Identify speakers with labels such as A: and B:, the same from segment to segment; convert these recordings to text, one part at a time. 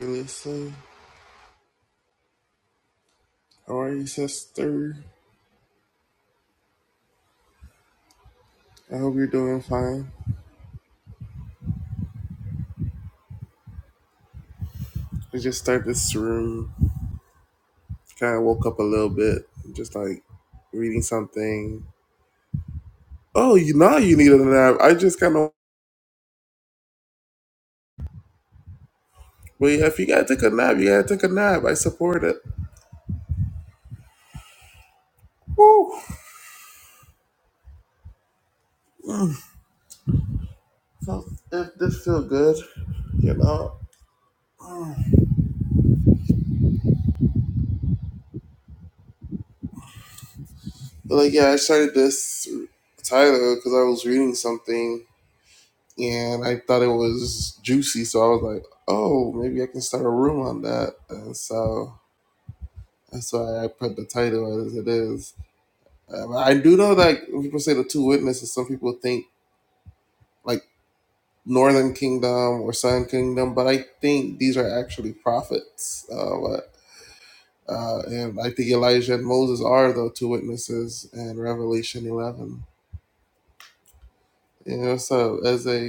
A: Listen, how are you, sister? I hope you're doing fine. I just started this room. Kind of woke up a little bit, just like reading something. Oh, you know you need a nap. I just kind of wait. If you gotta take a nap, you gotta take a nap. I support it. Woo! Mm. So if this feel good, you know, But, like yeah, I started this title because I was reading something and I thought it was juicy, so I was like, oh, maybe I can start a room on that. And so that's why I put the title as it is. Um, I do know that when people say the two witnesses, some people think like Northern Kingdom or Southern Kingdom, but I think these are actually prophets. Uh, but, uh, and I think Elijah and Moses are the two witnesses in Revelation 11. You know, so as a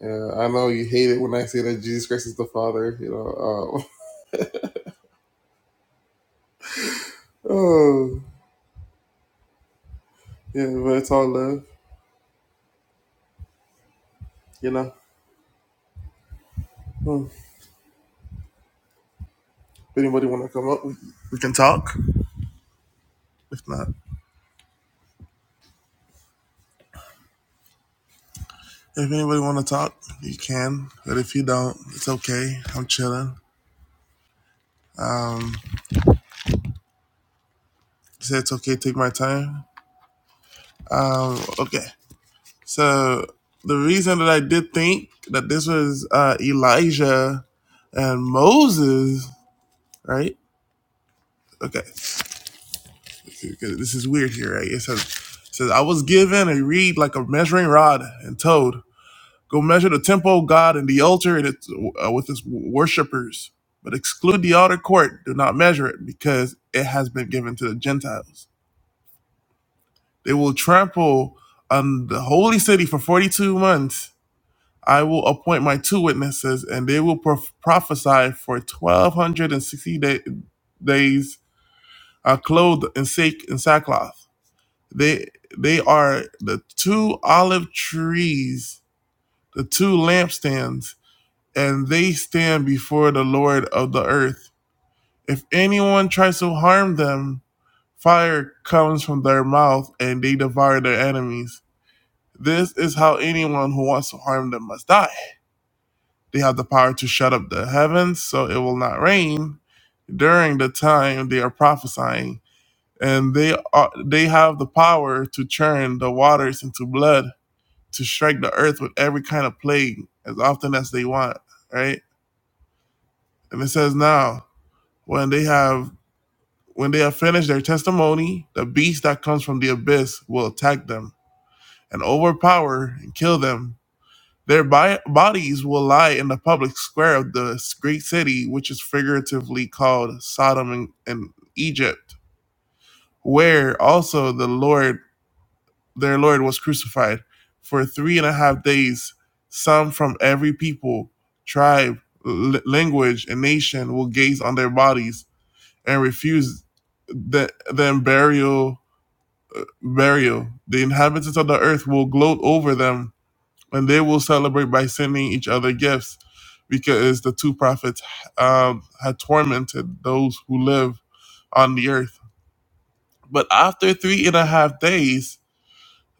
A: yeah, I know you hate it when I say that Jesus Christ is the Father. You know, um, Oh, yeah, but it's all love, you know. Hmm. If anybody want to come up, we, we can talk. If not, if anybody want to talk, you can. But if you don't, it's okay. I'm chilling. Um, say it's okay. Take my time. Um, okay. So the reason that I did think that this was uh, Elijah and Moses, right? Okay, this is weird here, right? It says, it says I was given a reed like a measuring rod and told. Go measure the temple of God and the altar and its uh, with its worshippers, but exclude the outer court. Do not measure it, because it has been given to the Gentiles. They will trample on the holy city for forty-two months. I will appoint my two witnesses, and they will prof- prophesy for twelve hundred and sixty day- days, uh, clothed in sack and sackcloth. They they are the two olive trees, the two lampstands and they stand before the Lord of the earth. If anyone tries to harm them, fire comes from their mouth and they devour their enemies. This is how anyone who wants to harm them must die. They have the power to shut up the heavens so it will not rain during the time they are prophesying, and they are, they have the power to churn the waters into blood to strike the earth with every kind of plague as often as they want, right? And it says now, when they have When they have finished their testimony, the beast that comes from the abyss will attack them and overpower and kill them. Their bi- bodies will lie in the public square of the great city, which is figuratively called Sodom and, and Egypt, where also the Lord, their Lord, was crucified. For three and a half days, some from every people, tribe, l- language, and nation will gaze on their bodies and refuse the, them burial burial. The inhabitants of the earth will gloat over them, and they will celebrate by sending each other gifts, because the two prophets um, had tormented those who live on the earth. But after three and a half days,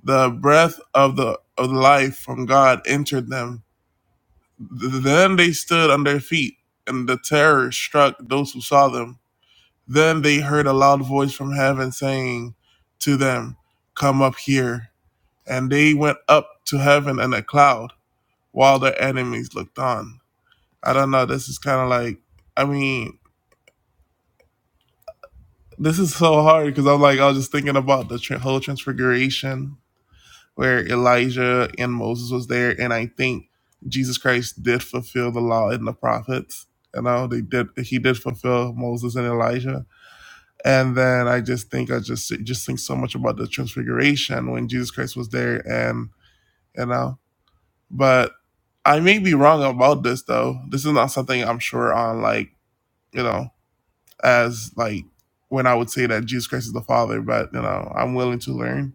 A: the breath of the of life from God entered them. Then they stood on their feet, and the terror struck those who saw them. Then they heard a loud voice from heaven saying to them, "Come up here." and they went up to heaven in a cloud while their enemies looked on. I don't know. This is kind of like, I mean, this is so hard because I'm like, I was just thinking about the tr- whole transfiguration where Elijah and Moses was there, and I think Jesus Christ did fulfill the law and the prophets. You know, they did. He did fulfill Moses and Elijah. And then I just think I just just think so much about the transfiguration when Jesus Christ was there, and you know. But I may be wrong about this though. This is not something I'm sure on like, you know, as like when I would say that Jesus Christ is the Father, but you know, I'm willing to learn.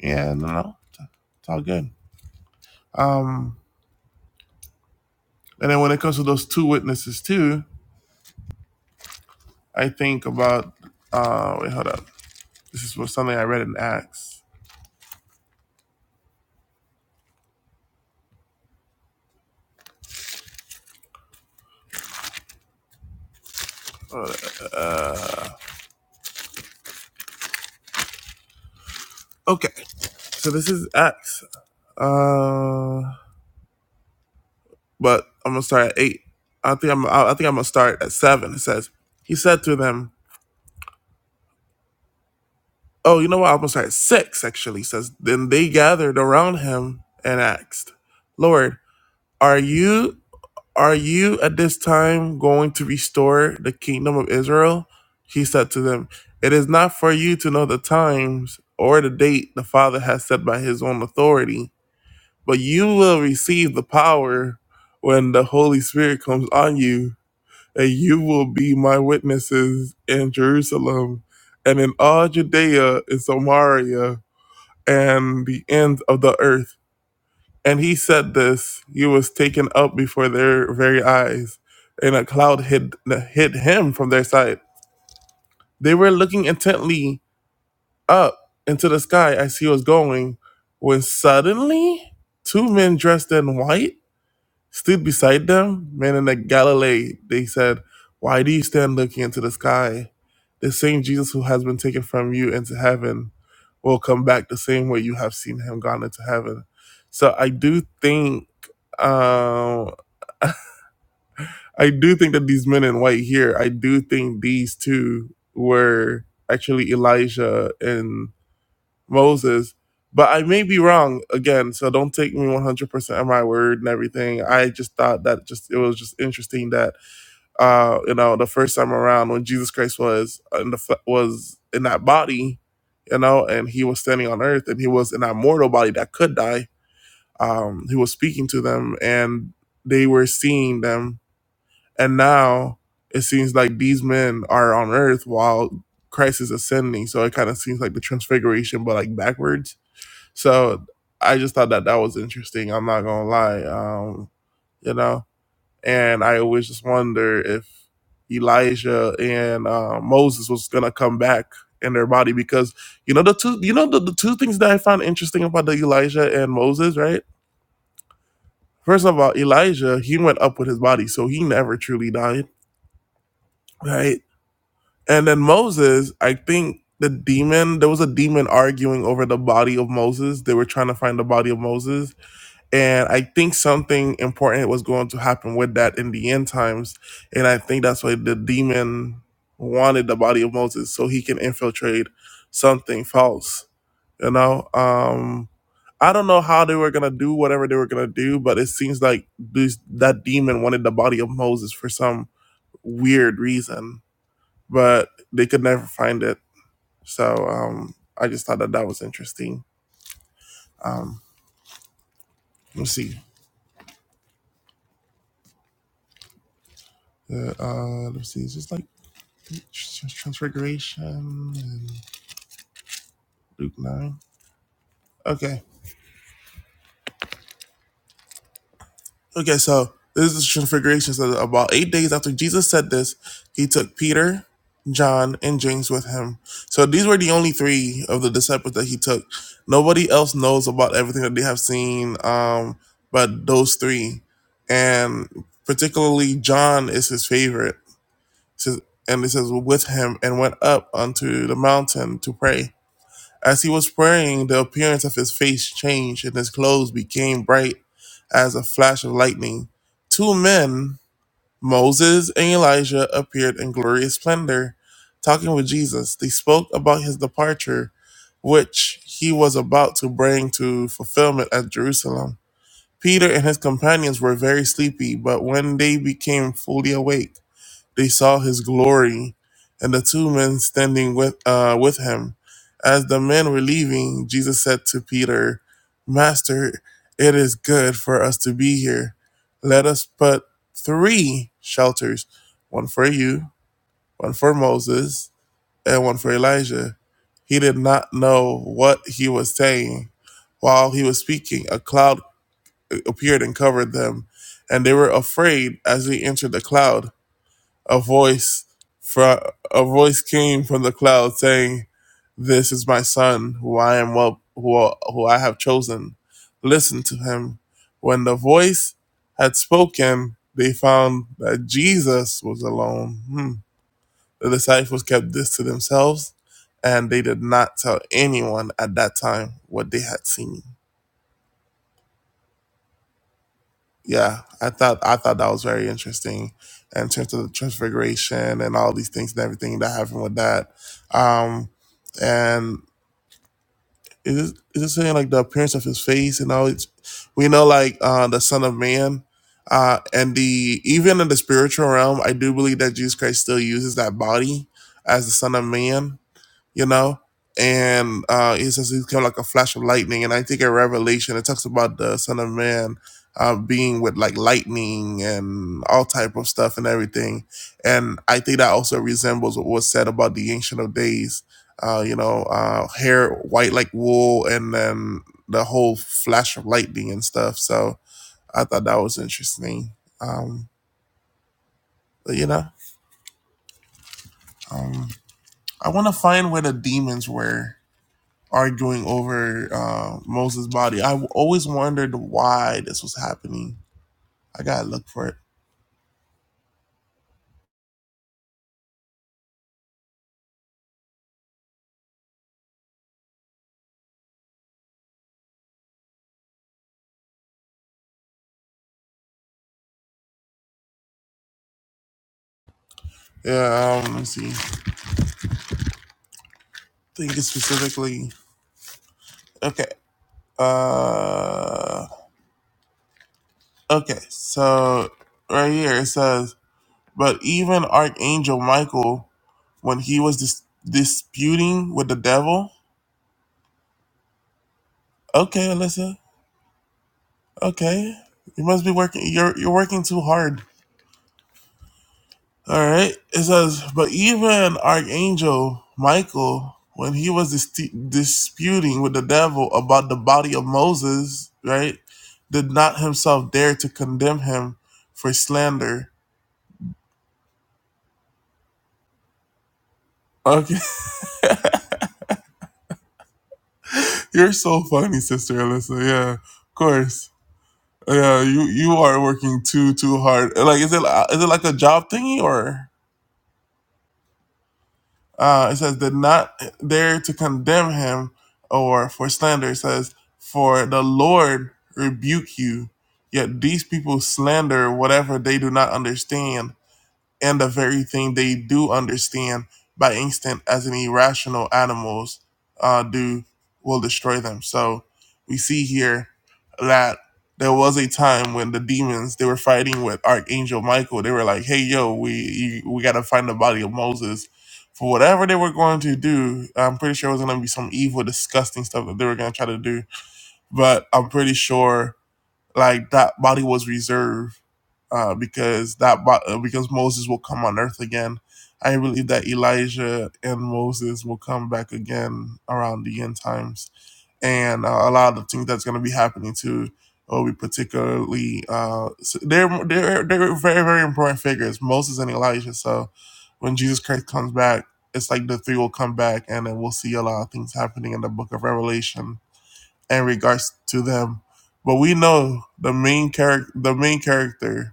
A: And you know, it's all good. Um and then when it comes to those two witnesses too, I think about uh wait, hold up. This is something I read in Acts. Okay. So this is Acts. Uh but I'm gonna start at eight. I think I'm I think I'm gonna start at seven. It says he said to them, Oh, you know what? I was at six actually. It Says then they gathered around him and asked, Lord, are you are you at this time going to restore the kingdom of Israel? He said to them, It is not for you to know the times or the date the Father has set by his own authority, but you will receive the power when the Holy Spirit comes on you, and you will be my witnesses in Jerusalem and in all Judea and Samaria and the ends of the earth. And he said this, he was taken up before their very eyes, and a cloud hid, hid him from their sight. They were looking intently up into the sky as he was going, when suddenly two men dressed in white Stood beside them, men in the Galilee, they said, Why do you stand looking into the sky? The same Jesus who has been taken from you into heaven will come back the same way you have seen him gone into heaven. So I do think um I do think that these men in white here, I do think these two were actually Elijah and. Moses. But I may be wrong again, so don't take me 100% at my word and everything. I just thought that just it was just interesting that uh you know the first time around when Jesus Christ was in the fle- was in that body, you know, and he was standing on earth and he was in that mortal body that could die. Um he was speaking to them and they were seeing them and now it seems like these men are on earth while Christ is ascending. So it kind of seems like the transfiguration but like backwards so I just thought that that was interesting. I'm not gonna lie, um, you know. And I always just wonder if Elijah and uh, Moses was gonna come back in their body because you know the two, you know the, the two things that I found interesting about the Elijah and Moses, right? First of all, Elijah he went up with his body, so he never truly died, right? And then Moses, I think the demon there was a demon arguing over the body of Moses. They were trying to find the body of Moses And I think something important was going to happen with that in the end times. And I think that's why the demon wanted the body of Moses so he can infiltrate something false. You know? Um I don't know how they were gonna do whatever they were gonna do, but it seems like this that demon wanted the body of Moses for some weird reason. But they could never find it. So um I just thought that that was interesting. Um let's see. Uh, uh, let's see. It's just like Transfiguration and Luke 9. Okay. Okay, so this is Transfiguration. So about eight days after Jesus said this, he took Peter, John, and James with him. So these were the only three of the disciples that he took. Nobody else knows about everything that they have seen um, but those three. And particularly John is his favorite. says- And it says, with him and went up unto the mountain to pray As he was praying, the appearance of his face changed, and his clothes became bright as a flash of lightning. Two men, Moses and Elijah, appeared in glorious splendor, talking with Jesus. They spoke about his departure, which he was about to bring to fulfillment at Jerusalem. Peter and his companions were very sleepy, but when they became fully awake, they saw his glory and the two men standing with, uh, with him. As the men were leaving, Jesus said to Peter, Master, it is good for us to be here. Let us put three shelters one for you, one for Moses, and one for Elijah. He did not know what he was saying. While he was speaking, a cloud appeared and covered them, and they were afraid as he entered the cloud a voice from a voice came from the cloud saying, "This is my son, who I am well, who who I have chosen. Listen to him." When the voice had spoken, they found that Jesus was alone. Hmm. The disciples kept this to themselves, and they did not tell anyone at that time what they had seen. yeah, I thought I thought that was very interesting in terms of the transfiguration and all these things and everything that happened with that. Um, and is it, is it is saying like the appearance of his face and all? It's, we know like uh, the Son of Man, uh, and the even in the spiritual realm, I do believe that Jesus Christ still uses that body as the Son of Man you know. And uh, he says he's kind of like a flash of lightning. And I think in Revelation it talks about the Son of Man uh, being with like lightning and all type of stuff and everything. And I think that also resembles what was said about the Ancient of Days. Uh, you know, uh, hair white like wool, and then the whole flash of lightning and stuff. So I thought that was interesting. Um, but you know, um, I want to find where the demons were arguing over uh, Moses' body. I always wondered why this was happening. I gotta look for it. Yeah, um, let me see. I think it's specifically okay. Uh, okay. So right here it says, but even Archangel Michael, when he was dis- disputing with the devil, okay, Alyssa, okay, you must be working. You're you're working too hard. All right. It says, but even Archangel Michael, when he was dis- disputing with the devil about the body of Moses, right, did not himself dare to condemn him for slander. Okay, you're so funny, Sister Alyssa. Yeah, of course. Yeah, you you are working too too hard. Like, is it is it like a job thingy or? Uh, it says, did not dare to condemn him or for slander. It says, for the Lord rebuke you. Yet these people slander whatever they do not understand and the very thing they do understand by instinct as an irrational animals uh, do will destroy them. So we see here that there was a time when the demons they were fighting with Archangel Michael. They were like, "Hey, yo, we you, we gotta find the body of Moses." For whatever they were going to do, I'm pretty sure it was going to be some evil, disgusting stuff that they were going to try to do. But I'm pretty sure like that body was reserved uh, because that uh, because Moses will come on earth again. I believe that Elijah and Moses will come back again around the end times, and uh, a lot of the things that's going to be happening too will be particularly uh, s- they're they're they're very very important figures, Moses and Elijah. So when Jesus Christ comes back, it's like the three will come back, and then we'll see a lot of things happening in the Book of Revelation in regards to them. But we know the main character, the main character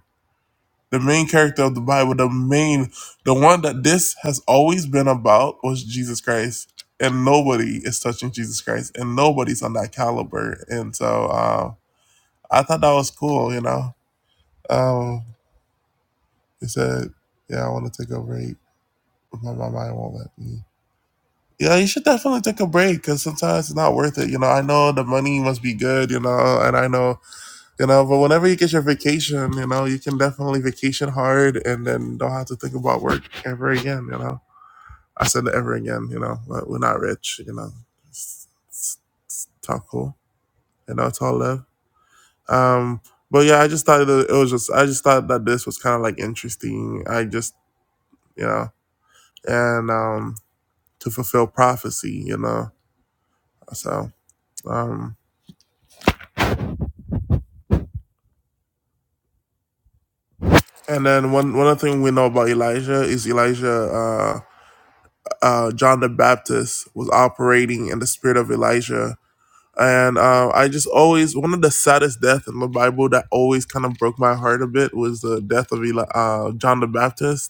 A: the main character of the Bible, the main, the one that this has always been about was Jesus Christ. And nobody is touching Jesus Christ, and nobody's on that caliber. And so uh, I thought that was cool, you know. Um, he said, "Yeah, I want to take a break, my, my mind won't let me." Yeah, you should definitely take a break because sometimes it's not worth it. You know, I know the money must be good, you know, and I know You know, but whenever you get your vacation, you know, you can definitely vacation hard and then don't have to think about work ever again, you know. I said the ever again, you know, but we're not rich, you know. It's, it's, it's all cool. You know, it's all love. Um, but yeah, I just thought that it was just I just thought that this was kind of like interesting. I just, you know, and um to fulfill prophecy, you know. So, um and then one one other thing we know about Elijah is Elijah uh, uh, John the Baptist was operating in the spirit of Elijah. And uh, I just always, one of the saddest deaths in the Bible that always kind of broke my heart a bit was the death of Eli- uh, John the Baptist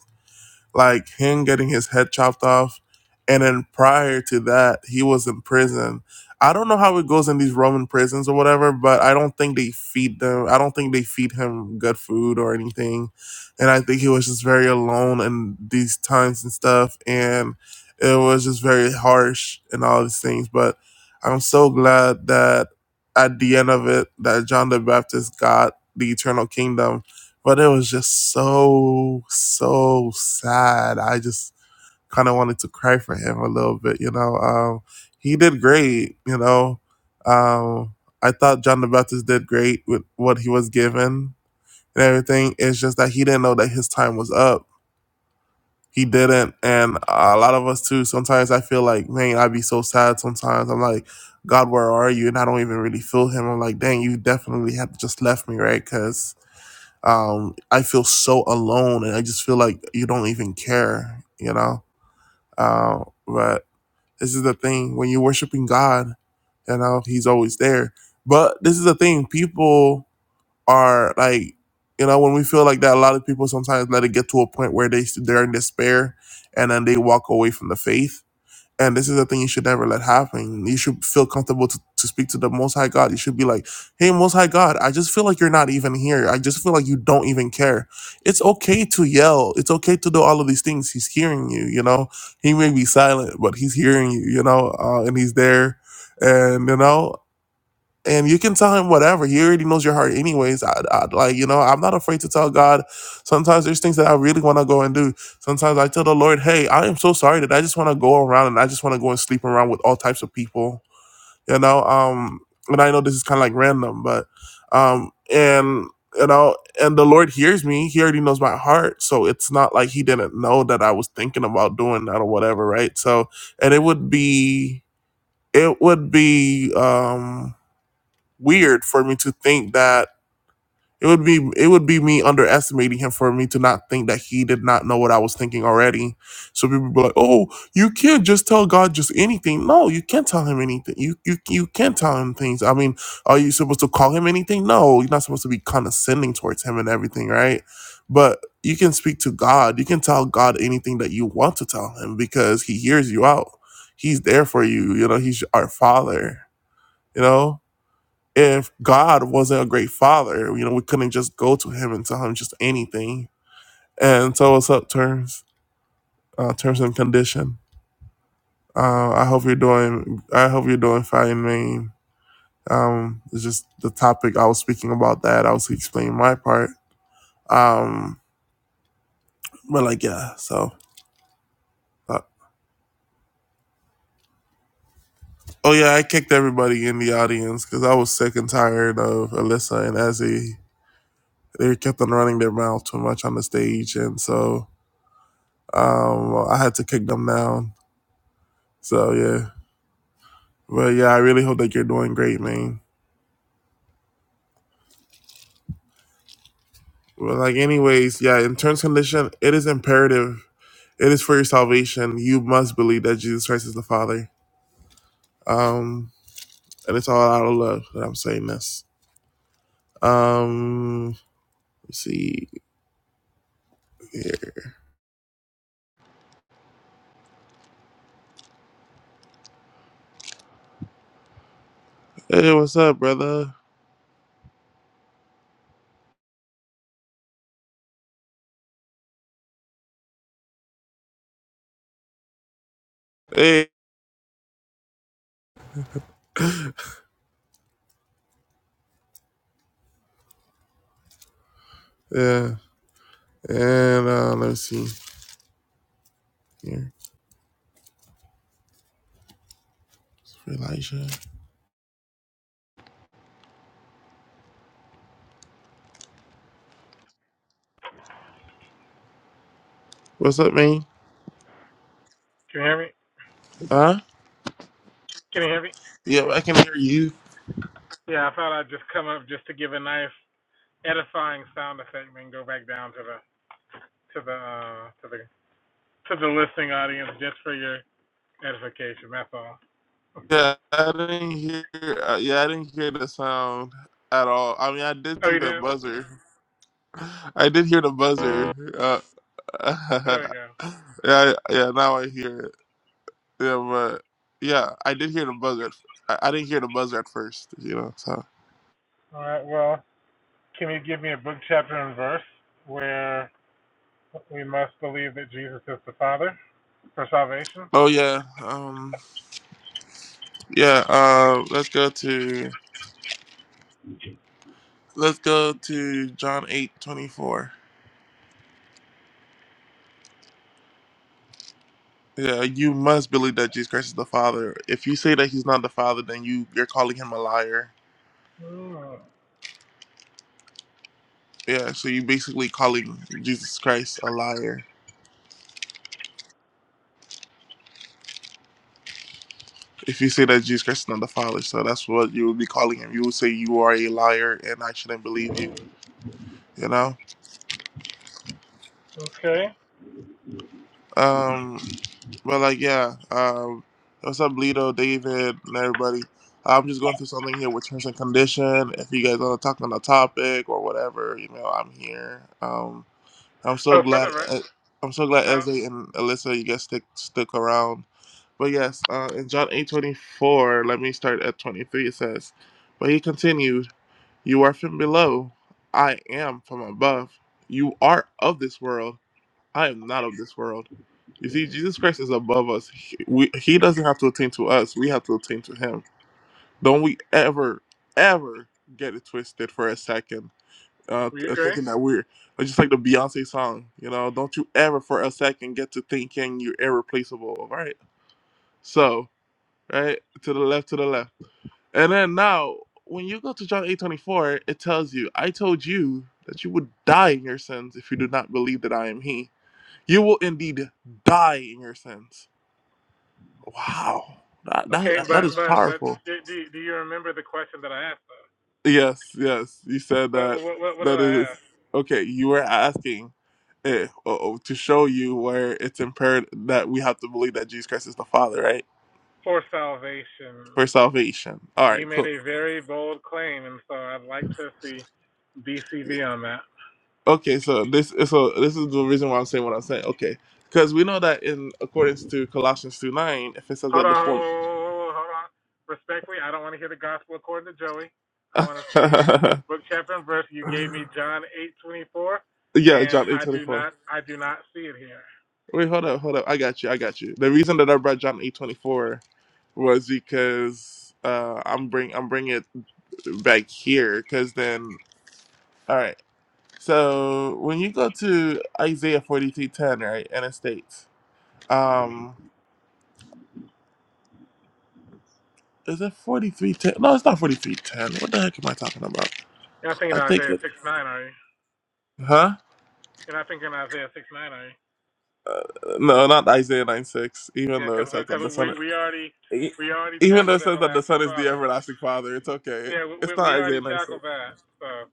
A: like him getting his head chopped off. And then prior to that, he was in prison. I don't know how it goes in these Roman prisons or whatever, but I don't think they feed them. I don't think they feed him good food or anything. And I think he was just very alone in these times and stuff. And it was just very harsh and all these things. But I'm so glad that at the end of it, that John the Baptist got the eternal kingdom but it was just so so sad. I just kind of wanted to cry for him a little bit, you know. Um, he did great, you know. Um, I thought John the Baptist did great with what he was given and everything. It's just that he didn't know that his time was up. He didn't, and a lot of us too. Sometimes I feel like, man, I'd be so sad. Sometimes I'm like, God, where are you? And I don't even really feel him. I'm like, dang, you definitely have just left me, right? Because um, I feel so alone, and I just feel like you don't even care, you know. Uh, but this is the thing when you're worshiping God, you know, He's always there. But this is the thing: people are like, you know, when we feel like that, a lot of people sometimes let it get to a point where they they're in despair, and then they walk away from the faith and this is a thing you should never let happen. You should feel comfortable to, to speak to the Most High God. You should be like, hey, Most High God, I just feel like you're not even here. I just feel like you don't even care. It's okay to yell. It's okay to do all of these things. He's hearing you, you know? He may be silent, but he's hearing you, you know? Uh, and he's there. And, you know, and you can tell him whatever he already knows your heart anyways I, I like you know i'm not afraid to tell god sometimes there's things that i really want to go and do sometimes i tell the lord hey i am so sorry that i just want to go around and i just want to go and sleep around with all types of people you know um and i know this is kind of like random but um and you know and the lord hears me he already knows my heart so it's not like he didn't know that i was thinking about doing that or whatever right so and it would be it would be um weird for me to think that it would be it would be me underestimating him for me to not think that he did not know what I was thinking already. So people would be like, "Oh, you can't just tell God just anything." No, you can't tell him anything. You you you can't tell him things. I mean, are you supposed to call him anything? No, you're not supposed to be condescending towards him and everything, right? But you can speak to God. You can tell God anything that you want to tell him because he hears you out. He's there for you. You know, he's our father, you know? if God wasn't a great father, you know, we couldn't just go to him and tell him just anything. And so what's up, terms, uh, terms and condition. Uh, I hope you're doing. I hope you're doing fine, man. Um, it's just the topic I was speaking about that. I was explaining my part. Um, but like, yeah. So, uh, oh yeah, I kicked everybody in the audience because I was sick and tired of Alyssa and Ezzy. They kept on running their mouth too much on the stage, and so um, I had to kick them down So yeah, but yeah, I really hope that you're doing great, man. But like, anyways, yeah, in terms and condition, it is imperative. It is for your salvation. You must believe that Jesus Christ is the Father. Um, and it's all out of love that I'm saying this. Um, let's see here. Hey, what's up, brother? Hey, yeah, and uh, let's see here. Elijah, what's up, man?
B: Can you hear me?
A: Huh?
B: Can you hear me?
A: Yeah, I can hear you.
B: Yeah, I thought I'd just come up just to give a nice edifying sound effect and go back down to the to the uh, to the to the listening audience just for your edification. That's all.
A: Yeah, I didn't hear. Uh, yeah, I didn't hear the sound at all. I mean, I did
B: Oh,
A: see
B: you
A: the
B: didn't?
A: buzzer. I did hear the buzzer. Uh,
B: There we go.
A: yeah, yeah. Now I hear it. Yeah, but yeah, I did hear the buzzer. I, I didn't hear the buzzer at first. You know. So.
B: All right. Well, can you give me a book, chapter, and verse where we must believe that Jesus is the Father for salvation?
A: Oh yeah. Um. Yeah. Um. let's go to. Let's go to John eight twenty four. Yeah, you must believe that Jesus Christ is the Father. If you say that He's not the Father, then you you're calling Him a liar
B: Hmm.
A: Yeah, so you are basically calling Jesus Christ a liar. If you say that Jesus Christ is not the Father, so that's what you would be calling him. You would say you are a liar and I shouldn't believe you. You know?
B: Okay.
A: Um but like yeah, um what's up Bleedo, David and everybody. I'm just going through something here with terms and condition. If you guys want to talk on the topic or whatever, you know, I'm here. Um I'm so
B: Oh,
A: glad
B: further, right?
A: uh, I'm so glad
B: Uh,
A: Eze and Alyssa you guys stick stuck around But yes, uh, in John eight twenty four, let me start at 23, it says, But he continued, You are from below, I am from above. You are of this world, I am not of this world. You see, Jesus Christ is above us. He, we, he doesn't have to attain to us, we have to attain to him. Don't we ever, ever get it twisted for a second, uh,
B: we
A: th- uh,
B: agree.
A: thinking that we're it's just like the Beyonce song, you know, don't you ever for a second get to thinking you're irreplaceable, all right? So, right? To the left, to the left. And then now, when you go to John 8:24, it tells you, "I told you that you would die in your sins if you do not believe that I am He. You will indeed die in your sins." Wow, that
B: Okay,
A: that, that
B: but
A: is
B: but but
A: powerful.
B: do, do do you remember the question that I asked? Though?
A: Yes, yes, you said that.
B: What what what what did
A: That
B: I
A: is
B: ask?
A: okay. You were asking. eh, uh-oh, to show you where it's impaired that we have to believe that Jesus Christ is the Father, right?
B: for salvation.
A: For salvation. All
B: You
A: right,
B: made
A: cool.
B: a very bold claim, and so I'd like to see BCV on that.
A: Okay, so this so this is the reason why I'm saying what I'm saying. Okay, because we know that in accordance to Colossians two nine, if it says
B: Hold
A: that the
B: on, hold
A: form,
B: on. Respectfully, I don't want to hear the gospel according to Joey. I want to see book chapter and verse. You gave me John eight twenty four,
A: yeah,
B: and
A: John eight
B: I
A: twenty
B: do
A: four.
B: not, I do not see it here.
A: Wait, hold up, hold up. I got you, I got you. The reason that I brought John eight twenty four was because uh, I'm bring I'm bringing it back here because then all right. So when you go to Isaiah forty three ten, right, and it states, um, is it forty three ten? No, it's not forty three ten. What the heck am I talking about?
B: You're not thinking
A: I think.
B: Isaiah six nine, are you?
A: Huh?
B: You're not thinking Isaiah six nine, are you?
A: Uh, No, not Isaiah 9 6, even
B: Yeah,
A: though
B: because
A: it says that the
B: we
A: Son
B: we already
A: e-
B: we already
A: even though it
B: tackled
A: says that the
B: everlasting
A: Son is the
B: Father.
A: everlasting Father, it's okay.
B: Yeah, we
A: It's
B: we we
A: not
B: already
A: Isaiah 9 6.
B: tackled that. So.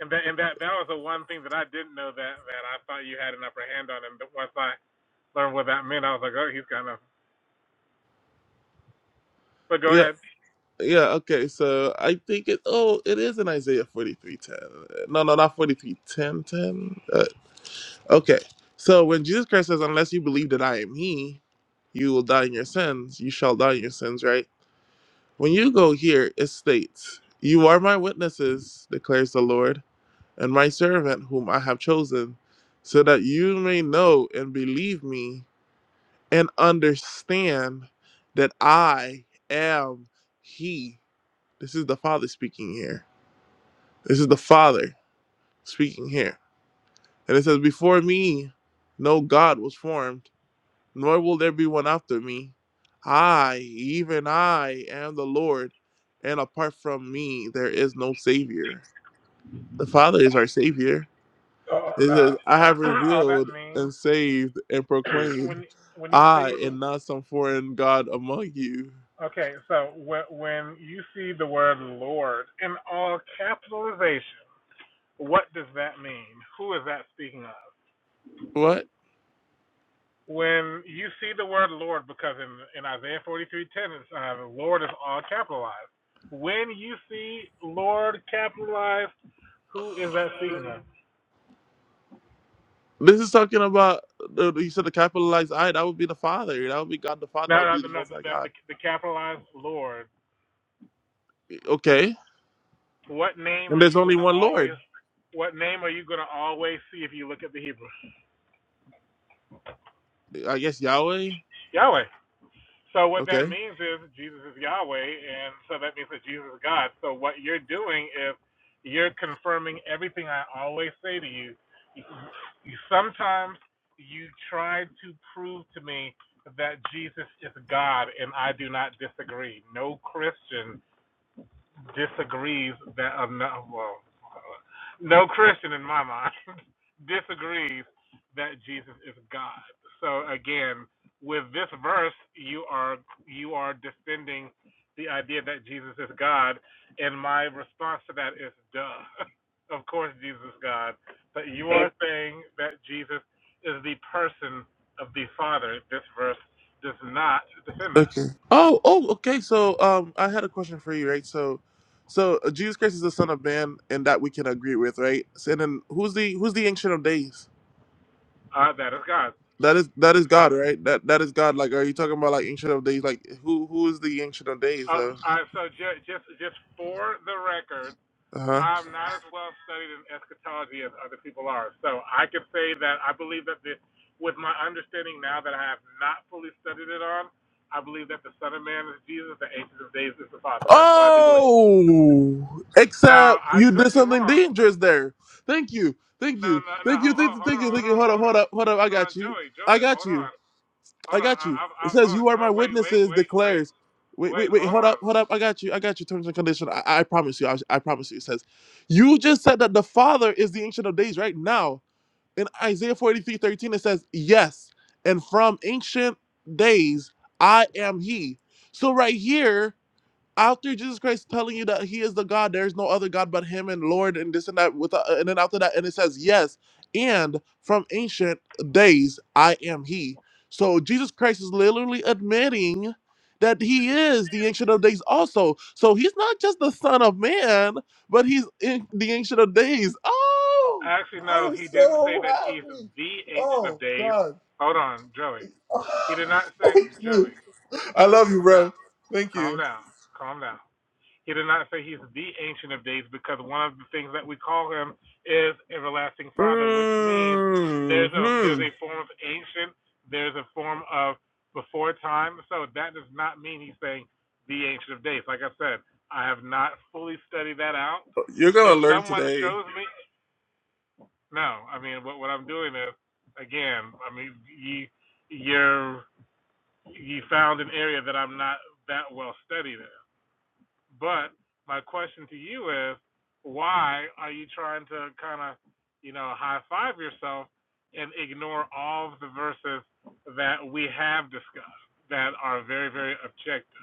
B: And that and that that was the one thing that I didn't know that that I thought you had an upper hand on. And once I learned what that meant, I was like, oh, he's kind of. But go
A: Yeah,
B: ahead.
A: yeah, okay. So I think it oh, it is in Isaiah forty three ten. No, no, not forty three ten ten. Uh, okay. So when Jesus Christ says, Unless you believe that I am He, you will die in your sins, you shall die in your sins, right? When you go here, it states, You are my witnesses, declares the Lord and my servant whom I have chosen, so that you may know and believe me and understand that I am He. This is the Father speaking here. This is the Father speaking here. And it says, Before me, no God was formed, nor will there be one after me. I, even I, am the Lord, and apart from me, there is no Savior. The Father is our Savior.
B: Oh
A: It
B: no,
A: says, I have
B: all that
A: revealed
B: means
A: and saved and proclaimed,
B: when when you say
A: I and not some foreign God among you.
B: okay, so when when you see the word Lord in all capitalization, what does that mean? Who is that speaking of?
A: What?
B: When you see the word Lord, because in in Isaiah forty three ten, it's uh, Lord is all capitalized. When you see Lord capitalized Who is that speaking of?
A: This is talking about, uh, you said the capitalized I, that would be the Father. That would be God the Father.
B: No,
A: That would
B: no,
A: be
B: no,
A: the
B: no
A: Most High
B: the, the,
A: God.
B: the capitalized Lord.
A: Okay.
B: What name
A: And
B: are
A: there's
B: you going
A: only
B: to
A: one
B: always?
A: Lord.
B: What name are you going to always see if you look at the Hebrew?
A: I guess Yahweh.
B: Yahweh. So what that
A: Okay.
B: means is Jesus is Yahweh, and so that means that Jesus is God. So what you're doing is you're confirming everything I always say to you. You- Sometimes you try to prove to me that Jesus is God, and I do not disagree. No Christian disagrees that uh, no, well, no Christian in my mind disagrees that Jesus is God. So again, with this verse, you are you are defending the idea that Jesus is God, and my response to that is, duh, of course Jesus is God. But you are saying that Jesus is the person of the Father. This verse does not defend that.
A: Okay. Oh, oh, okay. So, um, I had a question for you, right? So, so uh, Jesus Christ is the Son of Man, and that we can agree with, right? So, and then who's the who's the Ancient of Days?
B: Uh, that is God,
A: That is that is
B: the
A: God,
B: Father.
A: right? That that is God. Like, are you talking about like ancient of days? Like, who who is the ancient of days?
B: Oh,
A: Uh
B: uh, so ju- just just for the record,
A: huh.
B: I'm not as well studied in eschatology as other people are. So I can say that I believe that the, with my understanding now that I have not fully studied it on, I believe that the Son of Man is Jesus, the Ancient of Days is the Father. That's what I do believe.
A: Oh,
B: Now
A: except
B: I
A: you did
B: could be
A: something
B: wrong.
A: dangerous there. Thank you, thank
B: No,
A: you,
B: no, no.
A: thank you,
B: Hold,
A: thank
B: hold,
A: you,
B: hold
A: thank
B: on,
A: you, thank
B: hold
A: you.
B: on,
A: Hold up,
B: hold
A: hold
B: on,
A: up, hold up. I
B: hold on,
A: got you.
B: Joey,
A: I
B: Joey,
A: got
B: hold
A: you.
B: on,
A: I
B: hold on.
A: got
B: I,
A: you.
B: I, I,
A: It says
B: hold on.
A: you are
B: Oh,
A: my
B: wait, wait,
A: witnesses.
B: wait, wait,
A: Declares. Wait,
B: wait.
A: wait, wait.
B: Hold
A: Hold
B: on.
A: up, hold up. I got you. I got you. Terms and condition. I, I promise you. I, I promise you. It says, you just said that the Father is the ancient of days right now. in Isaiah 43 13, it says, Yes, and from ancient days I am he. So right here, out there Jesus Christ telling you that he is the God, there is no other God but him and Lord and this and that with uh, and then after that and it says yes and from ancient days I am he. So Jesus Christ is literally admitting that he is the ancient of days also. So he's not just the son of man, but he's in the ancient of days. Oh,
B: Actually,
A: I
B: no,
A: am
B: he didn't say
A: so
B: that he's
A: happy.
B: the Ancient of
A: Oh
B: Days.
A: God.
B: Hold on, Joey. He did not say,
A: Thank you.
B: Joey,
A: I
B: Joey,
A: love you,
B: calm down,
A: bro. Thank
B: calm
A: you.
B: down, calm down. He did not say he's the Ancient of Days because one of the things that we call him is Everlasting Father, which means there's a there's
A: hmm
B: a form of ancient, there's a form of before time. So that does not mean he's saying the Ancient of Days. Like I said, I have not fully studied that out.
A: You're
B: If
A: gonna learn
B: someone
A: today.
B: shows me no, I mean what what I'm doing is again, I mean you you're you found an area that I'm not that well studied in. But my question to you is why are you trying to kind of, you know, high five yourself and ignore all of the verses that we have discussed that are very, very objective?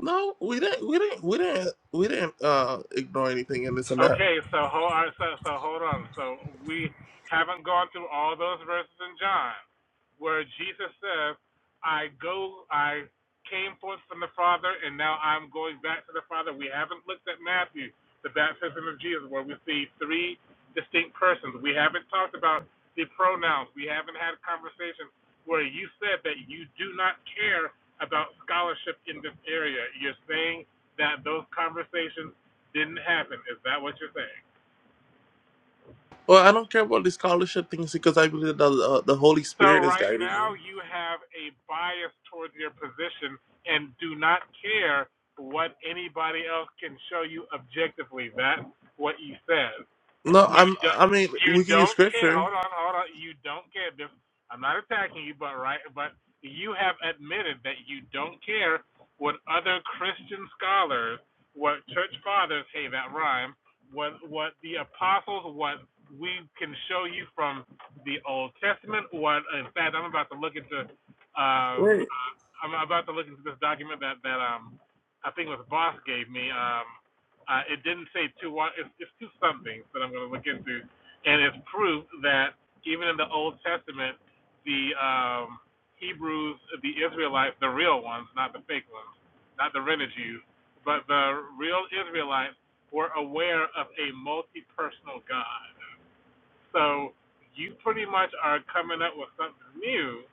A: No, we didn't. We didn't. We didn't. We didn't uh, ignore anything and this and that.
B: Okay, so hold on. So, so hold on. So we haven't gone through all those verses in John where Jesus says, "I go, I came forth from the Father, and now I'm going back to the Father." We haven't looked at Matthew, the baptism of Jesus, where we see three distinct persons. We haven't talked about the pronouns. We haven't had a conversation where you said that you do not care about scholarship in this area. You're saying that those conversations didn't happen. Is that what you're saying?
A: Well, I don't care about the scholarship things because I believe that the, uh, the Holy
B: So
A: Spirit is
B: right
A: guiding you.
B: now you have a bias towards your position and do not care what anybody else can show you objectively. That's what you said.
A: No,
B: You
A: I'm.
B: don't.
A: I mean,
B: You
A: we can use
B: don't care.
A: scripture.
B: Hold on. Hold on. You don't care. Biff. I'm not attacking you, but right. But you have admitted that you don't care what other Christian scholars, what church fathers. Hey, that rhyme. What what the apostles. What we can show you from the Old Testament. What in fact, I'm about to look into. Um,
A: Wait.
B: I'm about to look into this document that that um, I think it was Boss gave me. Um, uh, it didn't say two one. It's, it's two somethings that I'm going to look into, and it's proof that even in the Old Testament, the um, Hebrews, the Israelites, the real ones, not the fake ones, not the rented Jews, but the real Israelites were aware of a multi-personal God. So you pretty much are coming up with something new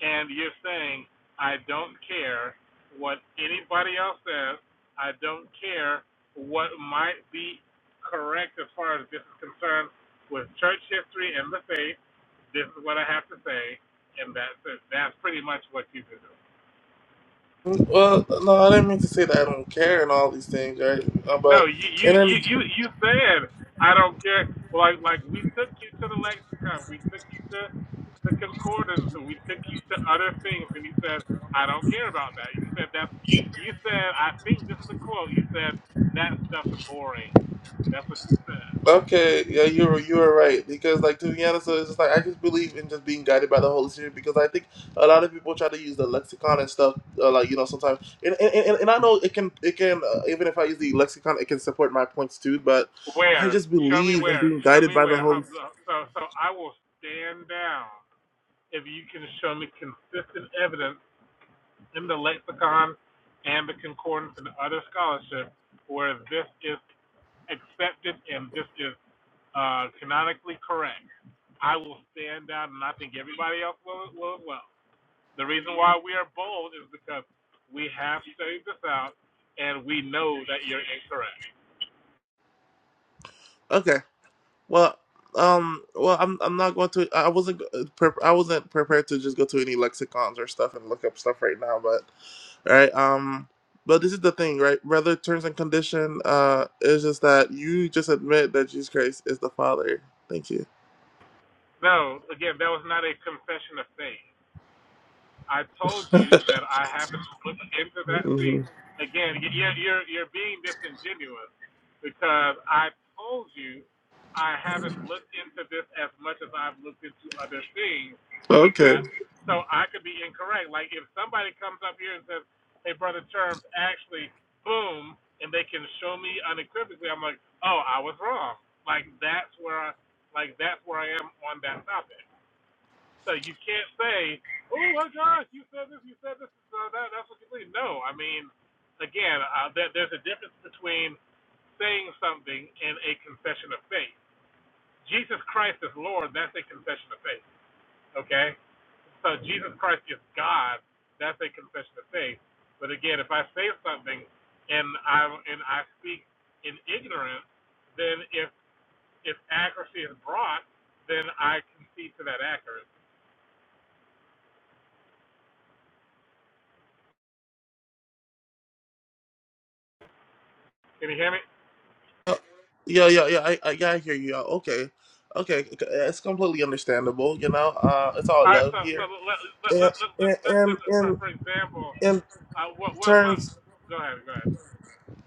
B: and you're saying, I don't care what anybody else says, I don't care what might be correct as far as this is concerned with church history and the faith, this is what I have to say, and that's it. That's pretty much what you do.
A: Well, no, I didn't mean to say that I don't care and all these things, right? Uh,
B: No,
A: but
B: you you
A: and
B: you
A: then
B: you, you said I don't care. Like like we took you to the lexicon, we took you to the concordance, and we took you to other things, and you said I don't care about that. You said that's you said I think this is a quote. You said that stuff's boring. That's what you said.
A: Okay, yeah, you're you're right because like to be honest, it's just like I just believe in just being guided by the Holy Spirit because I think a lot of people try to use the lexicon and stuff uh, like you know sometimes and, and, and, and I know it can it can uh, even if I use the lexicon it can support my points too but I
B: Where?
A: just
B: Show me
A: believe in
B: where.
A: being
B: Show
A: guided
B: me
A: by the
B: where. Huh,
A: Holy.
B: So so I will stand down if you can show me consistent evidence in the lexicon and the concordance and other scholarship where this is accepted and this is uh, canonically correct, I will stand out, and I think everybody else will, will as well. The reason why we are bold is because we have studied this out, and we know that you're incorrect.
A: Okay, well um well I'm I'm not going to I wasn't uh, prep I wasn't prepared to just go to any lexicons or stuff and look up stuff right now right? Um, but this is the thing, right? Rather terms and condition uh, is just that you just admit that Jesus Christ is the Father. Thank you.
B: No, again, that was not a confession of faith. I told you that I haven't looked into that. See,
A: hmm
B: again, you're you're, you're being disingenuous because I told you I haven't looked into this as much as I've looked into other things with
A: Okay.
B: that. So I could be incorrect. Like if somebody comes up here and says, "Hey, brother Terms, actually, boom," and they can show me unequivocally, I'm like, "Oh, I was wrong." Like that's where I, like that's where I am on that topic. So you can't say, "Oh my gosh, you said this, you said this, so that that's what you believe." No, I mean, again, uh, there, there's a difference between saying something and a confession of faith. Jesus Christ is Lord. That's a confession of faith. Okay, so Jesus Christ is God. That's a confession of faith. But again, if I say something and I and I speak in ignorance, then if if accuracy is brought, then I concede to that accuracy. Can you hear me?
A: Uh, Yeah, yeah, yeah. I, I, yeah, I hear you. Uh, Okay, okay. c- It's completely understandable. You know, uh, it's all
B: All right,
A: love
B: so so
A: here.
B: let let let
A: And
B: let let let's
A: and
B: just for
A: and
B: for example,
A: in
B: uh, what what what?
A: terms.
B: Go ahead, go ahead.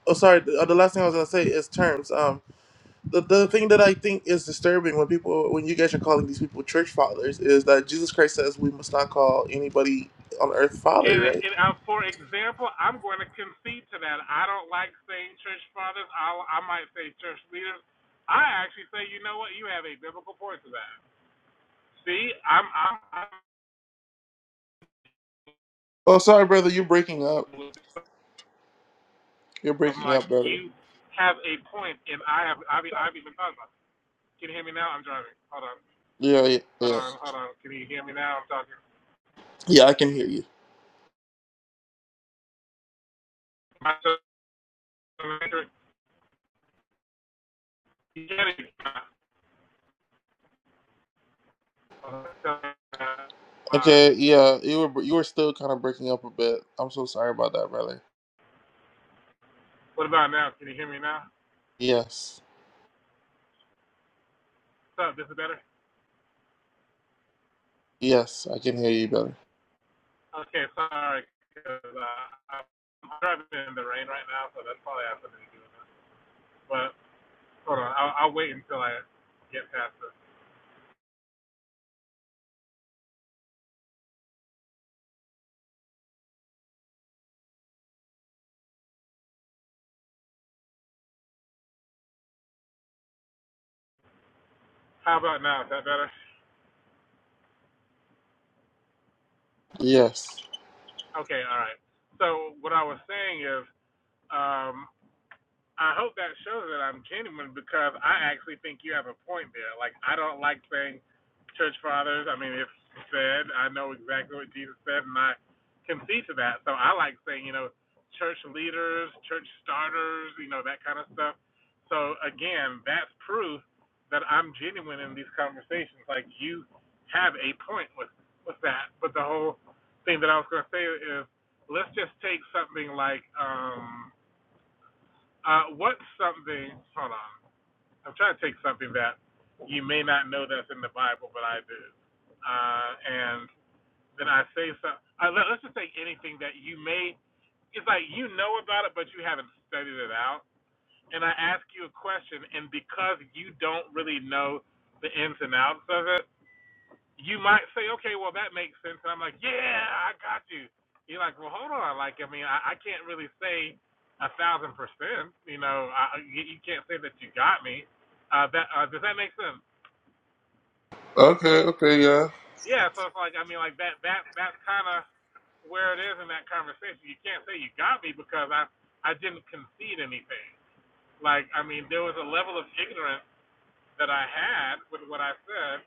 A: Oh, sorry. The, uh, The last thing I was gonna say is terms. Um. the, the thing that I think is disturbing when people when you guys are calling these people church fathers is that Jesus Christ says we must not call anybody on earth father,
B: And,
A: right?
B: and uh, for example, I'm going to concede to that. I don't like saying church fathers. I I might say church leaders. I actually say, you know what? You have a biblical point to that. See, I'm I'm I'm
A: Oh, sorry, brother, you're breaking up. You're
B: I'm
A: breaking
B: like
A: up, brother.
B: you have a point, and I have I've I've even thought about. It. Can you hear me now? I'm driving. Hold on,
A: Yeah, yeah,
B: hold
A: yeah.
B: on, hold on. Can you hear me now? I'm talking.
A: Yeah, I can hear you.
B: My- sister, you can't even. Uh,
A: Okay, yeah, you were you were still kind of breaking up a bit. I'm so sorry about that, brother.
B: what about now? Can you hear me now?
A: Yes,
B: What's up? This is better?
A: yes, I can hear you better.
B: Okay, sorry, 'cause, uh, I'm driving in the rain right now, so that's probably has something to do with it. But hold on, I'll, I'll wait until I get past this. How about now? Is that better?
A: Yes.
B: Okay, all right. So what I was saying is, um, I hope that shows that I'm genuine because I actually think you have a point there. Like I don't like saying church fathers. I mean, it's said. I know exactly what Jesus said, and I concede to that. So I like saying, you know, church leaders, church starters, you know, that kind of stuff. So again, that's proof that I'm genuine in these conversations. Like you have a point with with that. But the whole thing that I was going to say is, let's just take something like. um uh, what's something? Hold on. I'm trying to take something that you may not know that's in the Bible, but I do. Uh, and then I say something. Uh, let, let's just take anything that you may. It's like you know about it, but you haven't studied it out. And I ask you a question, and because you don't really know the ins and outs of it, you might say, okay, well that makes sense, and I'm like, yeah, I got you. You're like, well, hold on, like, I mean, I, I can't really say a thousand percent, you know, I, you, you can't say that you got me. Uh, that uh, does that make sense?
A: Okay, okay, yeah.
B: Yeah, so it's like, I mean, like that, that, that's kind of where it is in that conversation. You can't say you got me because I, I didn't concede anything. Like, I mean, there was a level of ignorance that I had with what I said,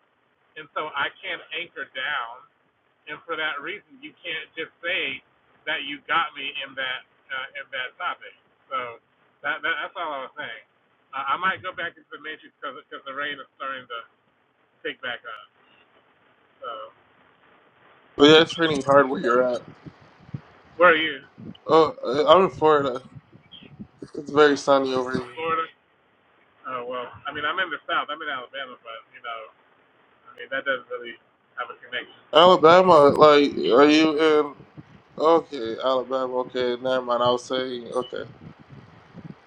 B: and so I can't anchor down and for that reason, you can't just say that you got me in that uh, in that topic. So that, that that's all I was saying. Uh, I might go back into the matrix because the rain is starting to pick back up. So
A: But yeah, it's raining hard where you're at.
B: where are you?
A: Oh, I- I'm in Florida. It's very sunny over
B: Oh,
A: here.
B: Florida? Oh well, I mean I'm in the South. I'm in Alabama, but you know, I mean that doesn't really have a connection.
A: Alabama, like, are you in? Okay, Alabama. Okay, never mind. I was saying, okay,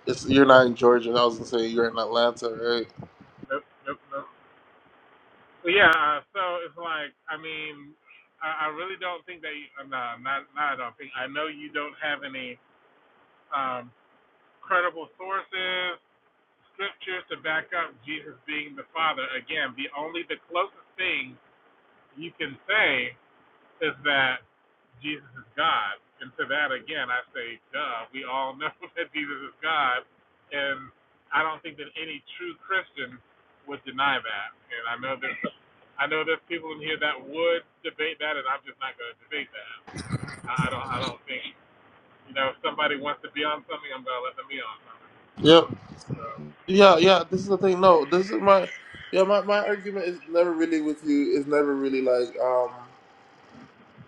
A: it's you're not in Georgia. I was gonna say you're in Atlanta, right?
B: Nope, nope, nope. Well, yeah. Uh, so it's like I mean. I I really don't think that you, uh, no, not, not I don't think. I know you don't have any, um, credible sources, scriptures to back up Jesus being the Father. Again, the only the closest thing you can say is that Jesus is God. And to that again I say, duh, we all know that Jesus is God and I don't think that any true Christian would deny that. And I know there's I know there's people in here that would debate that and I'm just not gonna debate that. I, don't I don't think you know, if somebody wants to be on something, I'm gonna let them be on something.
A: Yep.
B: So.
A: Yeah, yeah. This is the thing. No, this is my. Yeah, my, my argument is never really with you. It's never really like um.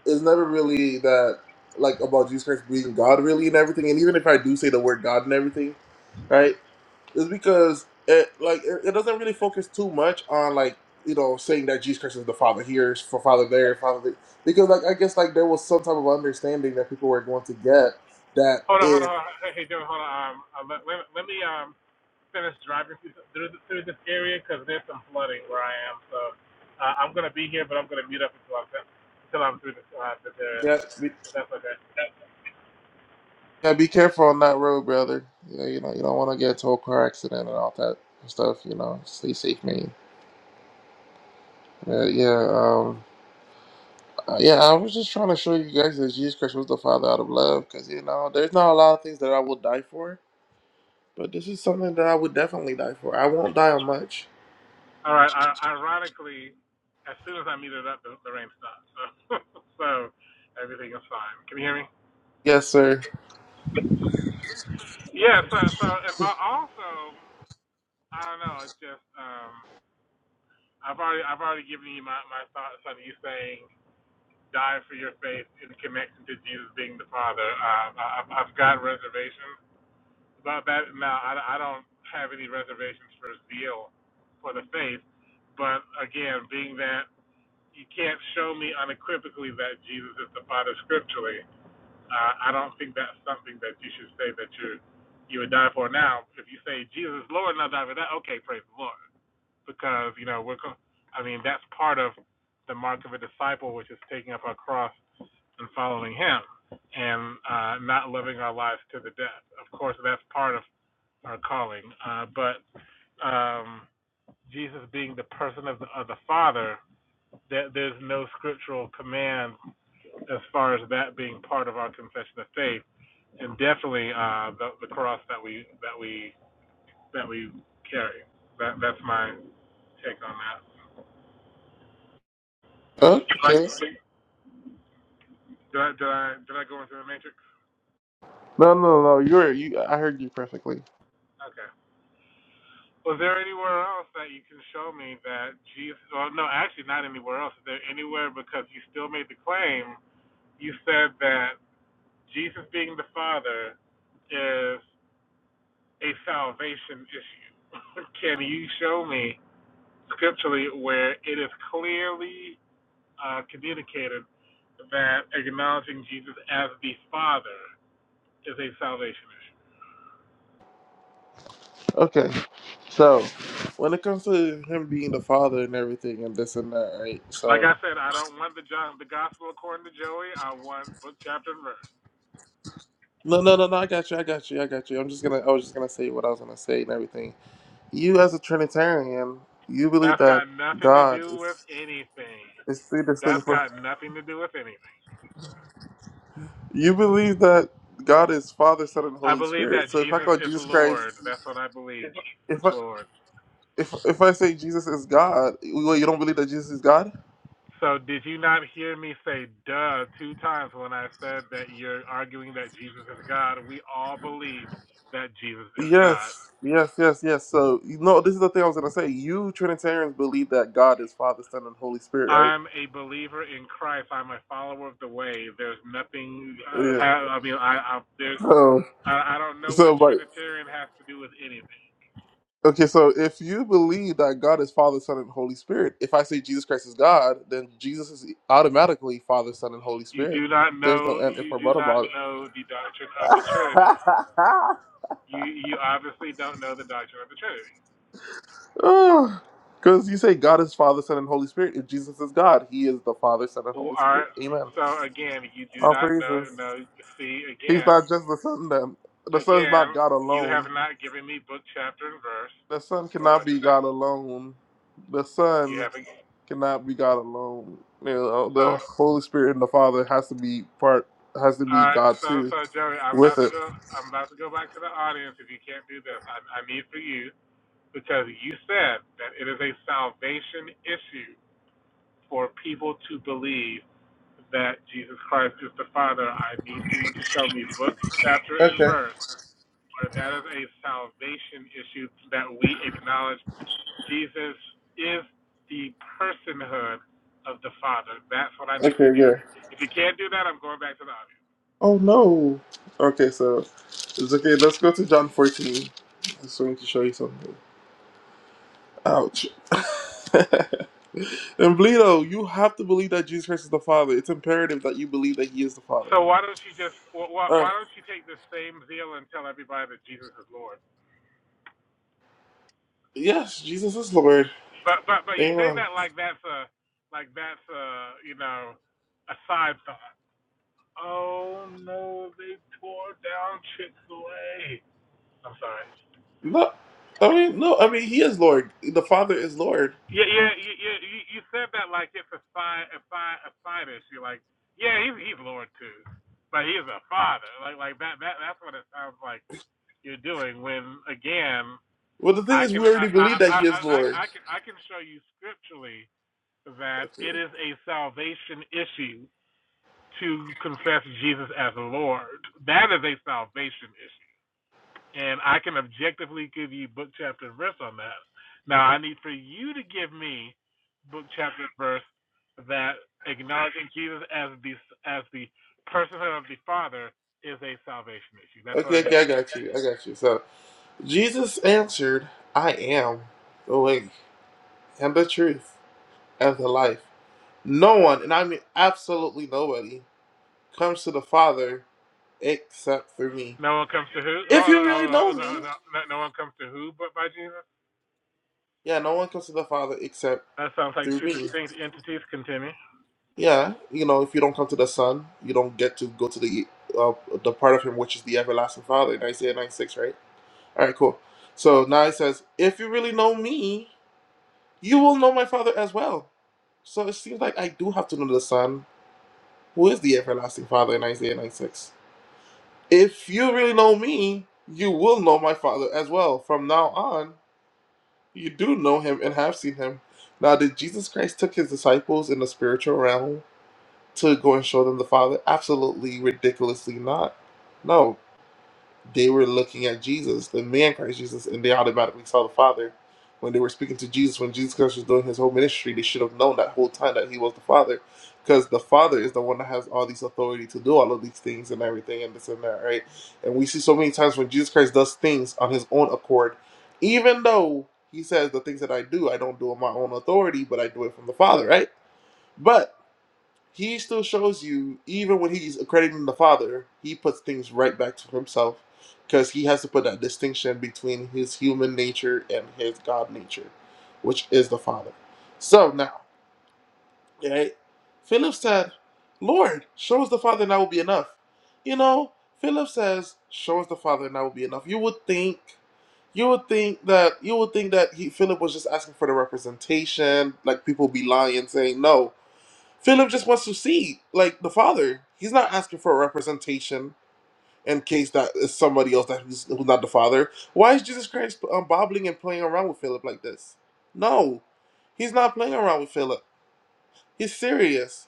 A: It's never really that like about Jesus Christ being God, really, and everything. And even if I do say the word God and everything, right? is because it like it, it doesn't really focus too much on like you know saying that Jesus Christ is the Father here, for Father there, Father there. because like I guess like there was some type of understanding that people were going to get that
B: Hold on, hold
A: if
B: on, hold on. Hey, hey, hold on. Um, uh, let, let, let me um finish driving through, through, th- through this area because there's some flooding where I am. So uh, I'm gonna be here, but I'm gonna mute up until I'm until I'm through this uh, this area.
A: yeah be,
B: If that's okay.
A: yeah be careful on that road, brother. Yeah, you know you don't want to get into a car accident and all that stuff. You know, stay safe, man. Uh, yeah, um, uh, yeah. I was just trying to show you guys that Jesus Christ was the Father out of love, because you know there's not a lot of things that I will die for But this is something that I would definitely die for. I won't die on much.
B: All right. Uh, ironically, as soon as I muted up, the, the rain stopped. So so everything is fine. Can you hear me?
A: Yes, sir.
B: Yeah. So so and al- also I don't know. It's just um I've already I've already given you my my thoughts on you saying. die for your faith in connection to Jesus being the Father. Uh, I, I've got reservations about that. Now, I, I don't have any reservations for zeal for the faith, but again, being that you can't show me unequivocally that Jesus is the Father scripturally, uh, I don't think that's something that you should say that you you would die for. Now, if you say Jesus is Lord, and I'll die for that, okay, praise the Lord, because you know we're. co- I mean, that's part of the mark of a disciple, which is taking up our cross and following Him and uh, not living our lives to the death. Of course, that's part of our calling, uh, but um, Jesus being the person of the, of the Father, that there's no scriptural command as far as that being part of our confession of faith, and definitely uh, the, the cross that we that we that we carry. That that's my take on that.
A: Oh,
B: Like,
A: Okay.
B: did I did I did I go into the matrix?
A: No, no, no. You're you. I heard you perfectly.
B: Okay. Was there anywhere else that you can show me that Jesus? Well, no, actually, not anywhere else. Is there anywhere because you still made the claim? You said that Jesus being the Father is a salvation issue. can you show me scripturally where it is clearly uh, communicated that acknowledging Jesus as the Father is a salvation issue?
A: Okay. So, when it comes to him being the father and everything and this and that, right?
B: Like
A: So,
B: I said, I don't want the John, the Gospel according to Joey. I want book, chapter, and verse.
A: no, no, no, no. I got you. I got you. I got you. I'm just gonna. I was just gonna say what I was gonna say and everything. You, as a Trinitarian, you believe
B: That's
A: that
B: got nothing to
A: God
B: do with
A: is
B: anything.
A: is three
B: That's
A: distinct. per-
B: got nothing to do with anything.
A: You believe that God is Father, Son, and
B: I
A: Holy
B: believe that
A: Spirit. So, if I
B: Jesus
A: call
B: is
A: Jesus
B: Lord.
A: Christ,
B: That's what I believe.
A: if I
B: Lord.
A: If if I say Jesus is God, well, you don't believe that Jesus is God?
B: So did you not hear me say duh two times when I said that you're arguing that Jesus is God? We all believe that Jesus is God.
A: Yes, yes, yes, yes. So you know, this is the thing I was gonna say. You Trinitarians believe that God is Father, Son, and Holy Spirit,
B: I'm a believer in Christ. I'm a follower of the way. There's nothing.
A: right?
B: Uh,
A: Yeah.
B: I mean, I, I there's.
A: So,
B: I, I don't know
A: so
B: what
A: like,
B: Trinitarian has to do with anything.
A: okay, so if you believe that God is Father, Son, and Holy Spirit, if I say Jesus Christ is God, then Jesus is automatically Father, Son, and Holy
B: You
A: Spirit.
B: do not
A: There's no
B: know
A: end if
B: you
A: or
B: do
A: but about
B: not know the doctrine of the Trinity.
A: it.
B: You you obviously don't know the doctrine of the Trinity.
A: Because you say God is Father, Son, and Holy Spirit. If Jesus is God, He is the Father, Son, and
B: Or
A: Holy Spirit. Amen.
B: so again, you do
A: All
B: not know
A: praises.
B: no see
A: He's
B: again
A: not just the Son. Then the Son is
B: again,
A: not God
B: you have
A: alone.
B: not given me book, chapter, and verse
A: The Son
B: for
A: cannot
B: what
A: be
B: you're
A: God
B: saying.
A: alone. The
B: You
A: Son
B: haven't
A: cannot be God alone. You know, uh, the
B: so
A: Holy Spirit and the Father has to be part. Has to be
B: uh
A: God
B: so
A: too
B: so Joey, I'm
A: with
B: about to
A: it.
B: go I'm about to go back to the audience if you can't do this. I, I need for you because you said that it is a salvation issue for people to believe that Jesus Christ is the Father, I need for you to show me book, chapter, and
A: Okay.
B: verse where that is a salvation issue that we acknowledge Jesus is the personhood of the Father. That's what I need
A: Okay.
B: for you to do.
A: Yeah.
B: If you can't do that, I'm going back to the audience.
A: Oh no. Okay. So it's okay. Let's go to John fourteen. I just wanted to show you something. Ouch. and Bleedo, you have to believe that Jesus Christ is the Father. It's imperative that you believe that He is the Father.
B: So why don't you just wh-
A: Uh,
B: why don't you take the same zeal and tell everybody that Jesus is Lord?
A: yes, Jesus is Lord.
B: But but but you say
A: Amen.
B: that like that's a like that's a you know a side thought. Oh no, they tore down Chick Fil A. I'm sorry.
A: No, I mean, no, I mean, He is Lord. The Father is Lord.
B: Yeah, yeah, yeah, yeah. You, you said that like it's a fi a fi a fighter. You're like, yeah, he's he's Lord too, but he's a father. Like like that that that's what it sounds like you're doing. When again,
A: Well, the thing
B: I
A: is,
B: can
A: we already believe
B: I
A: that
B: I I
A: He
B: I,
A: is
B: I
A: Lord.
B: can I can show you scripturally that
A: Okay,
B: it is a salvation issue to confess Jesus as Lord. That is a salvation issue. and I can objectively give you book, chapter, and verse on that. Now, I need for you to give me book, chapter, and verse that acknowledging Jesus as the as the personhood of the Father is a salvation issue. That's what
A: okay,
B: I need.
A: okay I got you. I got you. So, Jesus answered, I am the way and the truth and the life. No one, and I mean absolutely nobody, comes to the Father except through me.
B: No one comes to who? Oh,
A: If you really
B: oh, oh,
A: know
B: no,
A: me,
B: no, no no one comes to who but by Jesus.
A: yeah, no one comes to the Father except
B: That sounds like
A: through
B: two
A: me.
B: distinct entities. Continue.
A: Yeah, you know, if you don't come to the Son, you don't get to go to the uh, the part of Him which is the everlasting Father. In Isaiah nine six, right? All right, cool. So now it says, if you really know me, you will know my Father as well. So it seems like I do have to know the Son, who is the everlasting Father in Isaiah 96. If you really know me, you will know my Father as well. From now on, You do know him and have seen him. Now, did Jesus Christ took his disciples in the spiritual realm to go and show them the Father? Absolutely, ridiculously not. No, they were looking at Jesus, the man Christ Jesus, and they automatically saw the Father. When they were speaking to Jesus, when Jesus Christ was doing his whole ministry, they should have known that whole time that he was the Father, because the Father is the one that has all these authority to do all of these things and everything and this and that, right? And we see so many times when Jesus Christ does things on his own accord, even though he says the things that I do, I don't do on my own authority, but I do it from the Father, right? But he still shows you, even when he's accrediting the Father, he puts things right back to himself because he has to put that distinction between his human nature and his God nature, which is the Father. So now, right, Philip said, Lord, show us the Father and that will be enough. You know, Philip says, show us the Father and that will be enough. You would think you would think that you would think that he Philip was just asking for the representation, like people be lying saying no. Philip just wants to see, like the father. He's not asking for a representation in case that is somebody else that who's, who's not the father. Why is Jesus Christ um, bobbling and playing around with Philip like this? No, he's not playing around with Philip. He's serious.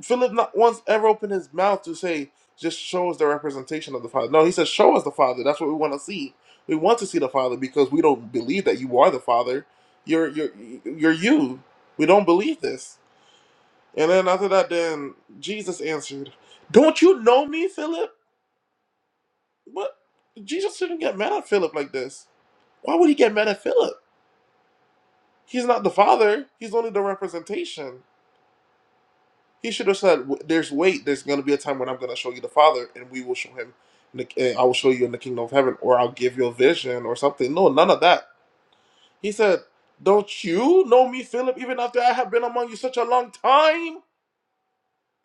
A: Philip not once ever opened his mouth to say, "Just show us the representation of the father." No, he says, "Show us the father." That's what we want to see. We want to see the father because we don't believe that you are the father. You're you're you're you. We don't believe this. And then after that, then Jesus answered, Don't you know me, Philip? What? Jesus shouldn't get mad at Philip like this. Why would he get mad at Philip? He's not the father, he's only the representation. He should have said, "W- There's wait, there's going to be a time when I'm going to show you the father, and we will show him, in the- and I will show you in the kingdom of heaven, or I'll give you a vision or something. No, none of that. He said, Don't you know me, Philip, even after I have been among you such a long time?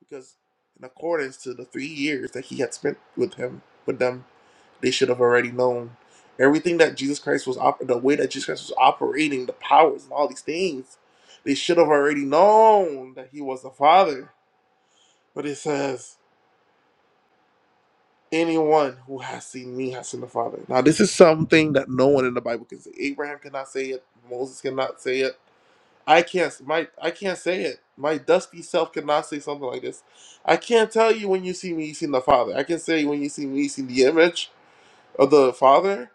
A: because in accordance to the three years that he had spent with him with them, they should have already known everything that Jesus Christ was op- the way that Jesus Christ was operating, the powers and all these things. They should have already known that he was the Father. But it says, "Anyone who has seen me has seen the Father." Now, this is something that no one in the Bible can say. Abraham cannot say it. Moses cannot say it. I can't my I can't say it. My dusty self cannot say something like this. I can't tell you when you see me you seen the Father. I can say when you see me you seen the image of the Father,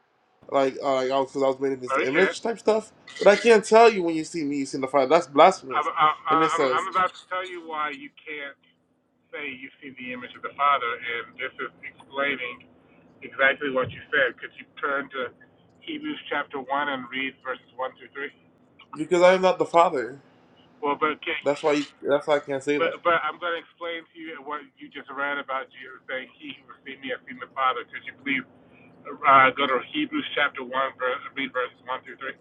A: like uh, like because I was made in
B: No,
A: this
B: you can't.
A: image type stuff. But I can't tell you when you see me you seen the Father. That's blasphemous.
B: I'm,
A: And it
B: I'm I'm
A: says
B: about to tell you why you can't say you see the image of the Father, and this is explaining exactly what you said. Could you turn to Hebrews chapter one and read verses one through three?
A: because I am not the Father.
B: Well, but can,
A: That's why you, that's why I can't say that.
B: but but I'm going to explain to you what you just read about Jesus saying, "He who has seen me has seen the Father." Could you please uh, go to Hebrews chapter one, ver- read verses one through three?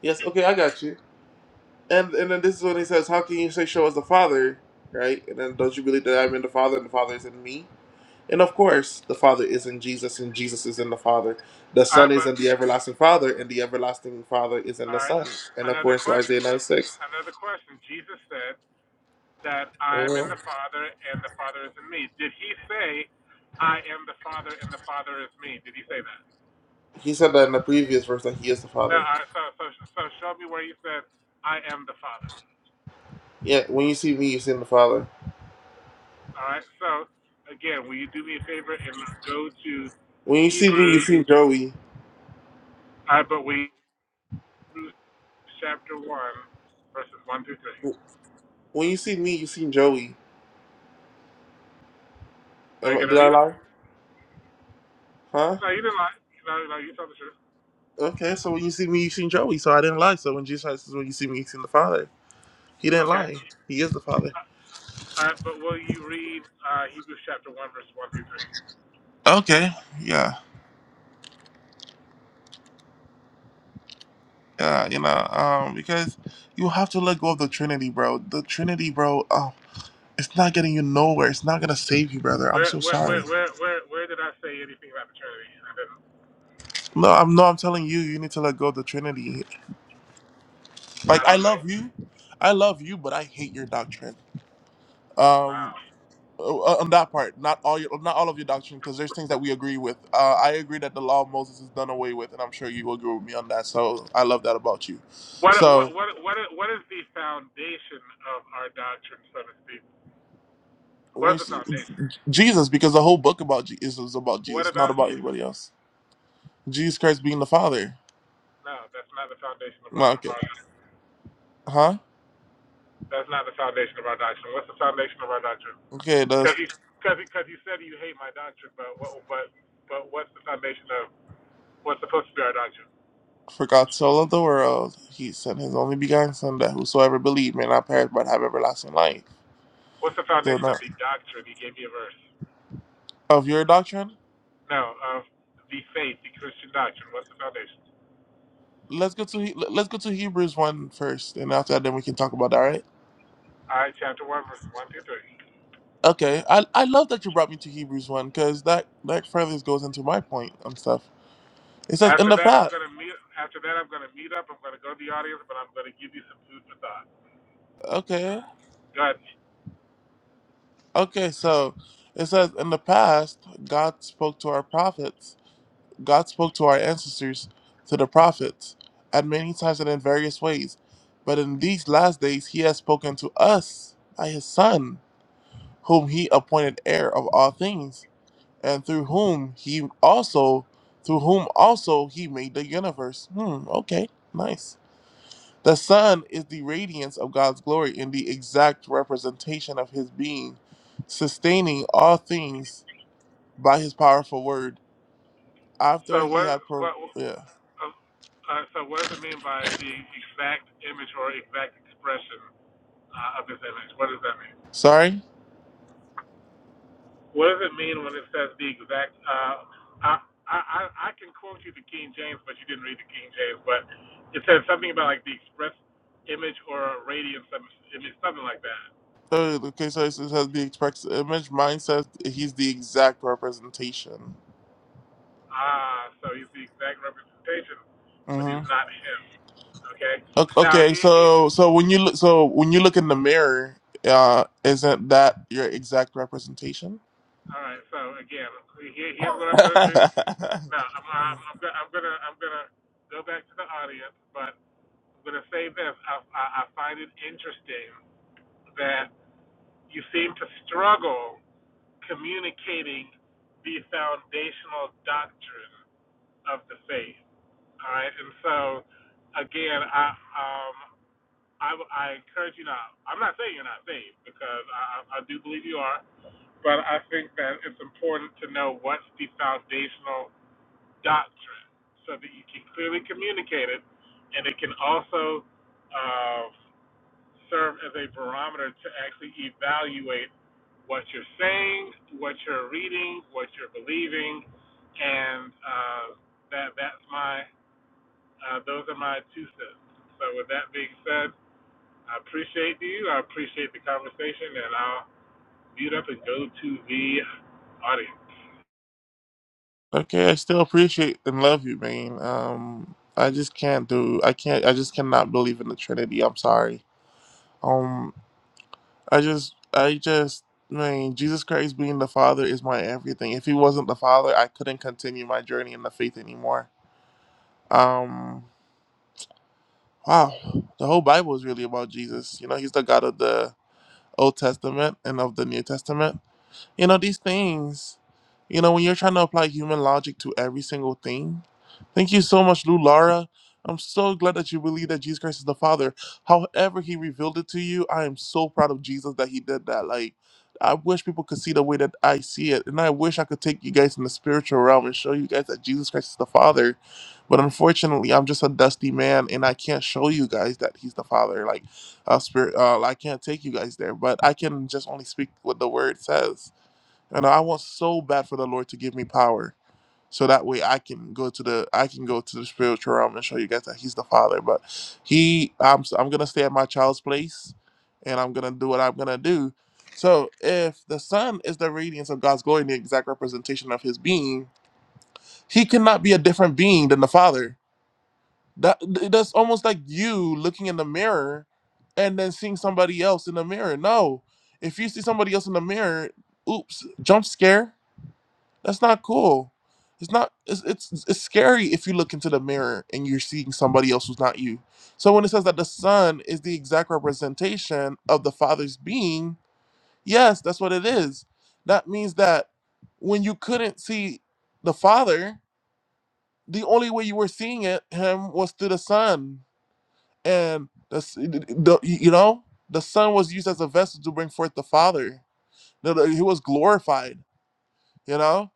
A: Yes, okay, I got you. And and then this is when he says, how can you say show us the Father, right? And then don't you believe that I'm in the Father and the Father is in me? And of course, the Father is in Jesus, and Jesus is in the Father. The
B: All
A: Son
B: right,
A: is
B: but
A: in the everlasting Father, and the everlasting Father is in
B: all
A: the
B: right,
A: Son. And
B: another
A: according to
B: question.
A: Isaiah
B: Um,
A: 96,
B: another question. Jesus said that I am in the
A: Mhm.
B: Father and the Father is in me. Did he say, "I am the Father and the Father is me"? Did he say that?
A: he said that in the previous verse that he is the
B: No,
A: Father.
B: I, so, so, so show me where you said, I am the Father.
A: Yeah, when you see me, you've seen the Father.
B: All right. So, again, will you do me a favor and go to
A: When you see me, you've
B: Hebrews,
A: seen Joey.
B: uh, but we, Hebrews chapter 1, verses 1 through 3.
A: When you see me, you've seen Joey.
B: Are
A: Am
B: you
A: I,
B: going
A: did
B: to
A: I
B: read it?
A: lie? Huh?
B: No, you didn't lie. No, no, you told the truth.
A: Okay, so when you see me, you've seen Joey. So I didn't lie. So when Jesus says, when you see me, you've seen the Father, he didn't
B: Okay.
A: lie. He is the Father.
B: Uh, all right, but will you read uh, Hebrews chapter 1, verses 1 through 3?
A: Okay, yeah. Yeah, you know, um, because you have to let go of the Trinity, bro. The Trinity, bro. Oh, it's not getting you nowhere. It's not gonna save you, brother. I'm
B: Where,
A: so
B: where,
A: sorry.
B: where, where, where, where did I say anything about the Trinity? I didn't.
A: No, I'm no. I'm telling you, you need to let go of the Trinity.
B: I
A: Like I
B: don't know.
A: love you, I love you, but I hate your doctrine.
B: Wow.
A: Um, o- on that part, not all your, not all of your doctrine, because there's things that we agree with. Uh, I agree that the law of Moses is done away with, and I'm sure you will agree with me on that. So I love that about you.
B: What what
A: So.
B: what what what is the foundation of our doctrine, so to speak? What is the
A: Which
B: foundation?
A: Jesus, because the whole book about Jesus is about
B: What
A: Jesus, not
B: about
A: about
B: Jesus?
A: anybody else. Jesus Christ being the Father.
B: No, that's not the foundation of our
A: Well,
B: of
A: Okay,
B: our.
A: huh?
B: That's not the foundation of our doctrine. What's the foundation of our doctrine?
A: Okay, it
B: Because
A: does.
B: you because because you said you hate my doctrine, but what but but what's the foundation of what's supposed to be our doctrine?
A: For God so loved the world, he sent his only begotten Son, that whosoever believe may not perish but have everlasting life.
B: What's the
A: So
B: foundation
A: now,
B: of the doctrine? You gave me a verse.
A: of your doctrine,
B: No, of the faith, the Christian doctrine. What's the foundation?
A: let's go to He- let's go to Hebrews one first, and after that, then we can talk about that, right?
B: All right, chapter one, verses one through three.
A: Okay, I, I love that you brought me to Hebrews 1, because that, that further goes into my point and stuff. It says, in
B: After
A: the
B: that, I'm
A: past,
B: gonna meet. After that, I'm gonna meet up. I'm gonna go to the audience, but I'm gonna give you some food for thought.
A: okay,
B: Good.
A: okay, so it says, in the past, God spoke to our prophets God spoke to our ancestors, to the prophets, at many times and in various ways. But in these last days, He has spoken to us by His Son, whom He appointed heir of all things, and through whom He also, through whom also He made the universe. Hmm. Okay. Nice. The Son is the radiance of God's glory in the exact representation of His being, sustaining all things by His powerful word.
B: So
A: After He
B: what?
A: had, pro-
B: What?
A: yeah.
B: Uh, uh, so what does it mean by the exact image or exact expression uh, of this image? What does that mean?
A: Sorry.
B: What does it mean when it says the exact? Uh, I, I I I can quote you the King James, but you didn't read the King James. But it says something about like the express image or a radiance, some- image, something like that.
A: Third, the case study says has the express image mindset. He's the exact representation.
B: Ah, so he's the exact representation, but
A: hmm
B: he's not him. Okay. Now
A: Okay,
B: here, he.
A: so so when you look, so when you look in the mirror, uh, isn't that your exact representation?
B: All right. So again, here, here's what I'm gonna do. Now I'm, I'm, I'm, gonna, I'm gonna, I'm gonna go back to the audience, but I'm gonna say this. I, I, I find it interesting that you seem to struggle communicating the foundational doctrine of the faith. All right. And so, again, I, um. I, I encourage you not. I'm not saying you're not saved because I, I do believe you are, but I think that it's important to know what's the foundational doctrine so that you can clearly communicate it, and it can also uh, serve as a barometer to actually evaluate what you're saying, what you're reading, what you're believing, and uh, that that's my uh, those are my two cents. So with that being said. I appreciate you. I appreciate the conversation, and I'll mute up and go to the audience.
A: okay, I still appreciate and love you, man. Um, I just can't do. I can't. I just cannot believe in the Trinity. I'm sorry. Um, I just, I just, man, Jesus Christ being the Father is my everything. If He wasn't the Father, I couldn't continue my journey in the faith anymore. Um, wow, the whole Bible is really about Jesus. You know, he's the God of the Old Testament and of the New Testament. You know, these things, you know, when you're trying to apply human logic to every single thing. Thank you so much, Lou Lara. I'm so glad that you believe that Jesus Christ is the Father. However, He revealed it to you. I am so proud of Jesus that He did that. Like, I wish people could see the way that I see it. And I wish I could take you guys in the spiritual realm and show you guys that Jesus Christ is the Father. But unfortunately, I'm just a dusty man and I can't show you guys that He's the Father. Like, uh, spirit, uh, I can't take you guys there, but I can just only speak what the Word says and I want so bad for the Lord to give me power. So that way I can go to the I can go to the spiritual realm and show you guys that he's the father. But he I'm s- I'm gonna stay at my child's place and I'm gonna do what I'm gonna do. So if the son is the radiance of God's glory and the exact representation of his being, he cannot be a different being than the father. That that's almost like you looking in the mirror and then seeing somebody else in the mirror. No. If you see somebody else in the mirror, oops, jump scare that's not cool. It's not. It's, it's it's scary if you look into the mirror and you're seeing somebody else who's not you. So when it says that the son is the exact representation of the father's being, yes, that's what it is. That means that when you couldn't see the father, the only way you were seeing it him was through the son, and the, s- the you know the son was used as a vessel to bring forth the father. The- the- He was glorified, you know.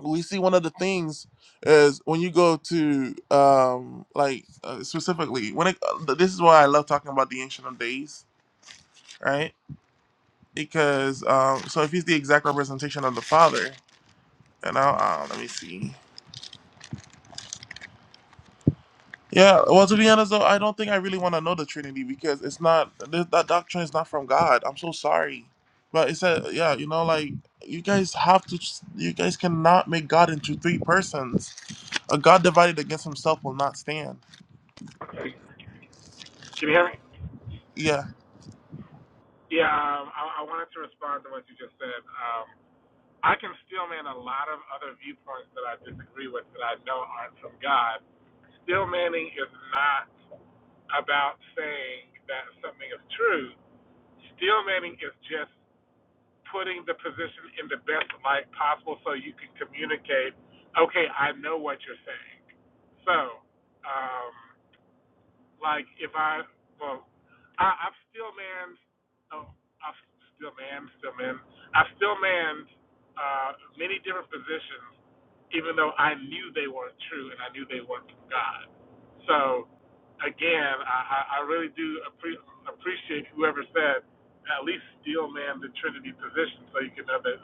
A: we see one of the things is when you go to um like uh, specifically when it uh, this is why i love talking about the ancient of days right because um so if he's the exact representation of the father and i uh, let me see yeah well to be honest though i don't think i really want to know the trinity because it's not th- that doctrine is not from god i'm so sorry but it's a yeah you know like you guys have to you guys cannot make god into three persons a god divided against himself will not stand
B: Can you hear me?
A: Yeah,
B: Yeah, um, I, I wanted to respond to what you just said. Um, I can steelman a lot of other viewpoints that I disagree with that I know aren't from God. Steelmanning is not about saying that something is true. Steelmanning is just putting the position in the best light possible so you can communicate, okay, I know what you're saying. So, um, like if I, well, I, I've still manned, oh, I've still manned, still manned, I've still manned uh, many different positions even though I knew they weren't true and I knew they weren't from God. So again, I, I really do appre- appreciate whoever said at least steel man the Trinity position so you can know that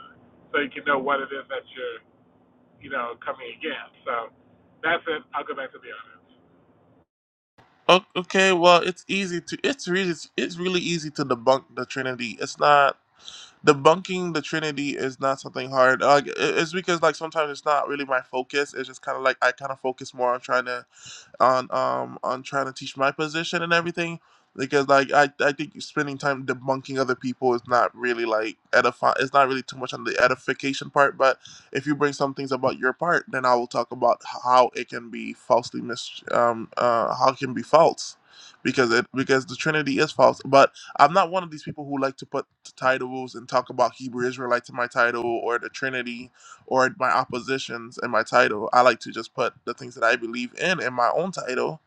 B: so you can know what it is that you're you know coming against. So that's it. I'll go back to the audience.
A: O- Okay, well, it's easy to it's really it's really easy to debunk the Trinity. It's not debunking the Trinity is not something hard. Like i- it's because like sometimes it's not really my focus. It's just kind of like I kind of focus more on trying to on um on trying to teach my position and everything because like I, I think spending time debunking other people is not really like edify it's not really too much on the edification part but if you bring some things about your part then i will talk about how it can be falsely mis um uh how it can be false because it because the trinity is false but i'm not one of these people who like to put titles and talk about hebrew israelite to my title or the trinity or my oppositions in my title. I like to just put the things that I believe in in my own title.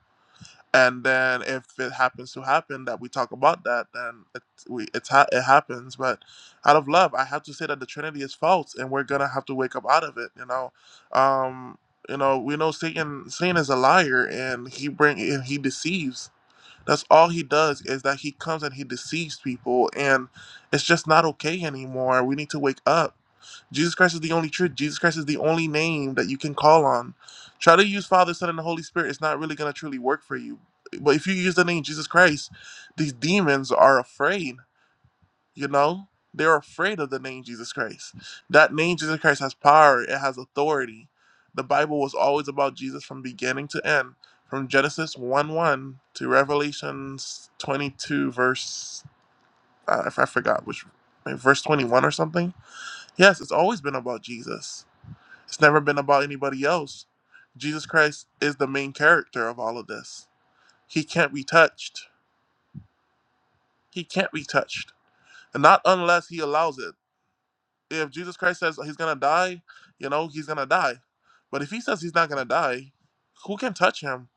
A: And then if it happens to happen that we talk about that, then it, we, it's ha- it happens. But out of love, I have to say that the Trinity is false, and we're gonna have to wake up out of it. You know, um, you know, we know Satan. Satan is a liar, and he bring and he deceives that's all he does is that he comes and he deceives people, and it's just not okay anymore. We need to wake up. Jesus Christ is the only truth. Jesus Christ is the only name that you can call on. Try to use Father, Son, and the Holy Spirit. It's not really going to truly work for you. But if you use the name Jesus Christ, these demons are afraid. You know, they're afraid of the name Jesus Christ. That name Jesus Christ has power, it has authority. The Bible was always about Jesus from beginning to end, from Genesis 1 1 to Revelation 22, verse, uh, I, f- I forgot which, maybe verse 21 or something. Yes, it's always been about Jesus, it's never been about anybody else. Jesus Christ is the main character of all of this. He can't be touched. He can't be touched. And not unless he allows it. if Jesus Christ says he's gonna die, you know, he's gonna die. But if he says he's not gonna die, who can touch him?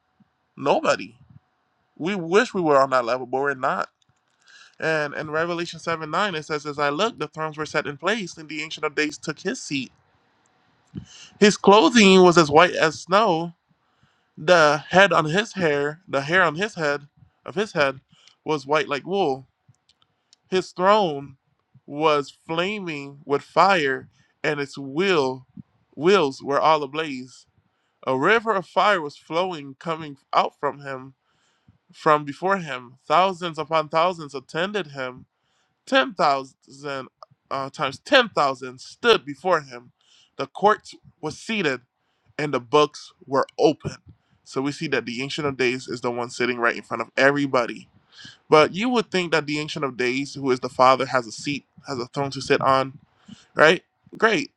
A: Nobody. We wish we were on that level, but we're not. And in Revelation 7 9, it says, As I looked, the thrones were set in place, and the Ancient of Days took his seat. His clothing was as white as snow. The head on his hair, the hair on his head, of his head, was white like wool His throne was flaming with fire, and its wheel, wheels were all ablaze. A river of fire was flowing, coming out from him, from before him. Thousands upon thousands attended him. Ten thousand uh, times ten thousand stood before him. The court was seated, and the books were open. So we see that the Ancient of Days is the one sitting right in front of everybody but you would think that the Ancient of Days, who is the Father, has a seat, has a throne to sit on, right? Great.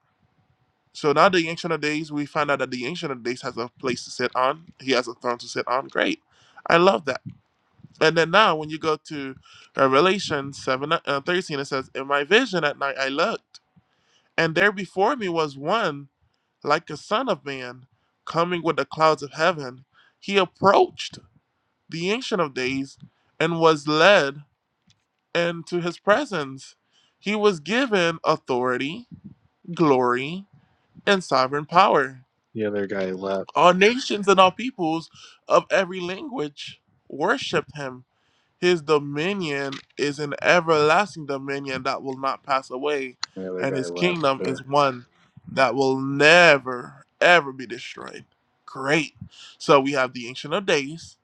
A: So now the Ancient of Days, we find out that the Ancient of Days has a place to sit on. He has a throne to sit on. Great. I love that. And then now when you go to Revelation 7, uh, 13, it says, In my vision at night I looked, and there before me was one like a son of man coming with the clouds of heaven. He approached the Ancient of Days and was led. and to his presence. He was given authority, glory, and sovereign power.
C: The other guy left.
A: All nations and all peoples of every language worshiped him. His dominion is an everlasting dominion that will not pass away,
C: The other
A: and
C: guy
A: his
C: left
A: kingdom is
C: there.
A: one that will never, ever be destroyed. Great. So we have the Ancient of Days,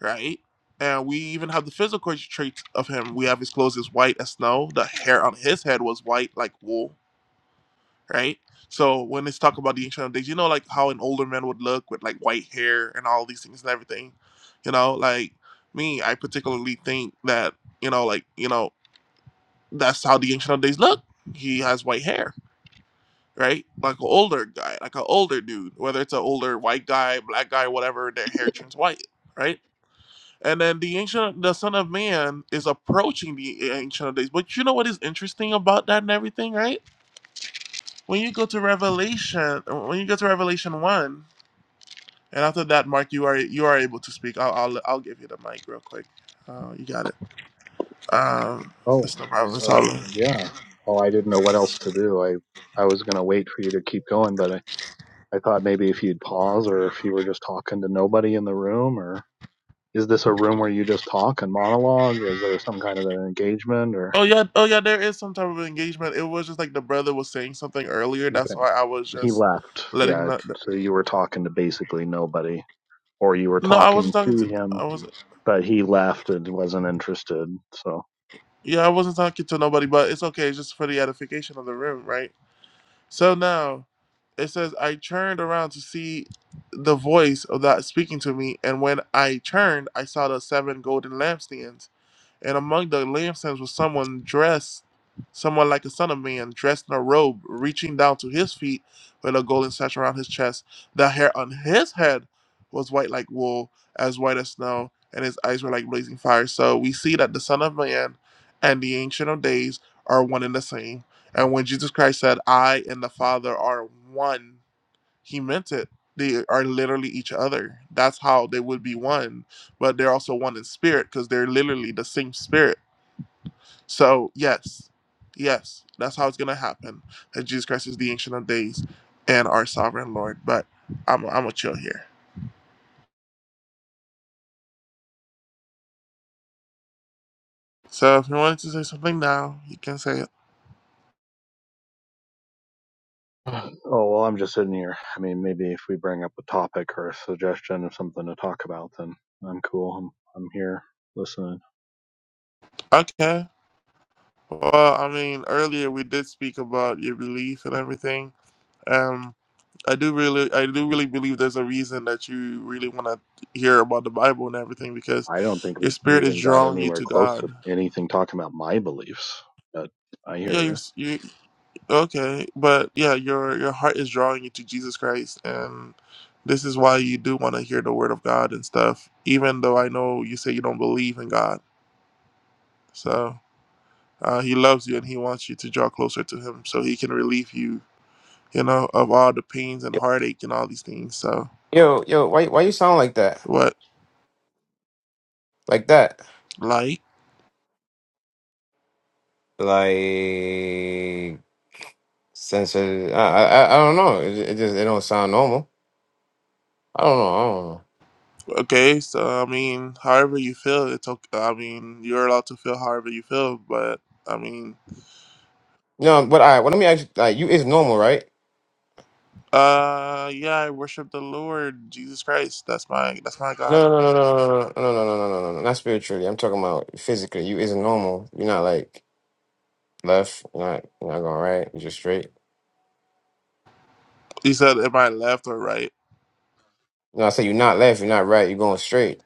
A: right? And we even have the physical traits of him. We have his clothes is white as snow. The hair on his head was white like wool, right? So when it's talking about the ancient of days, you know, like how an older man would look with like white hair and all these things and everything. You know, like me, I particularly think that you know, like you know, that's how the ancient of days look. He has white hair, right? Like an older guy, like an older dude. Whether it's an older white guy, black guy, whatever, their hair turns white, right? And then the ancient, the Son of Man is approaching the ancient of days. But you know what is interesting about that and everything, right? When you go to Revelation, when you go to Revelation one, and after that, Mark, you are you are able to speak. I'll I'll, I'll give you the mic real quick. Uh, you got it. Um,
C: Oh,
A: that's no problem.
C: so,
A: It's all
C: uh,
A: right.
C: yeah. Oh, I didn't know what else to do. I I was gonna wait for you to keep going, but I, I thought maybe if you'd pause or if you were just talking to nobody in the room, or is this a room where you just talk and monologue? Is there some kind of an engagement or?
A: Oh yeah, oh yeah. There is some type of engagement. It was just like the brother was saying something earlier. That's
C: Okay.
A: why I was
C: He
A: just
C: left.
A: letting.
C: Yeah.
A: The,
C: So you were talking to basically nobody, or you were
A: no, I
C: talking
A: wasn't talking
C: to
A: to.
C: him,
A: I was.
C: but he left and wasn't interested. So.
A: Yeah, I wasn't talking to nobody. But it's okay. It's just for the edification of the room, right? So now it says, I turned around to see the voice of that speaking to me, and when I turned, I saw the seven golden lampstands. And among the lampstands was someone dressed, someone like a son of man, dressed in a robe, reaching down to his feet with a golden sash around his chest. The hair on his head was white like wool, as white as snow, and his eyes were like blazing fire. So we see that the Son of Man and the Ancient of Days are one and the same. And when Jesus Christ said, I and the Father are one, he meant it. They are literally each other. That's how they would be one, but they're also one in spirit because they're literally the same spirit. So, yes, yes, that's how it's going to happen that Jesus Christ is the Ancient of Days and our sovereign Lord. But I'm, I'm going to chill here. So, if you wanted to say something now, you can say it.
C: Oh, well, I'm just sitting here. I mean, maybe if we bring up a topic or a suggestion of something to talk about, then I'm cool. I'm, I'm here listening.
A: Okay. Well, I mean, earlier we did speak about your belief and everything. Um. I do really, I do really believe there's a reason that you really want to hear about the Bible and everything because
C: I don't think
A: your
C: we
A: spirit is
C: even got
A: drawing you
C: anywhere
A: to
C: close to
A: God.
C: anything talking about my beliefs, but I
A: Yeah,
C: hear
A: you're,
C: you.
A: you okay, but yeah, your your heart is drawing you to Jesus Christ, and this is why you do want to hear the Word of God and stuff. Even though I know you say you don't believe in God, so uh, He loves you and He wants you to draw closer to Him, so He can relieve you, you know, of all the pains and
D: Yo,
A: heartache and all these things. So
D: yo, yo, why why you sound like that?
A: what,
D: Like that?
A: like?
D: Like sensitive? I I, I don't know. It, it just it don't sound normal. I don't know. I don't know.
A: Okay, so I mean, however you feel, it's okay. I mean, you're allowed to feel however you feel, but I mean,
D: No, but I. Well, let me ask you. Like, you is normal, right?
A: uh, yeah, I worship the Lord Jesus Christ. That's my that's my God.
D: No, no, no, no, no, no, no, no, no, no, no, no, no. Not spiritually. I'm talking about physically. You isn't normal. You're not like left. You're not. You're not going right. You're just straight.
A: You said, am I left or right?
D: No, I say you're not left. You're not right. You're going straight.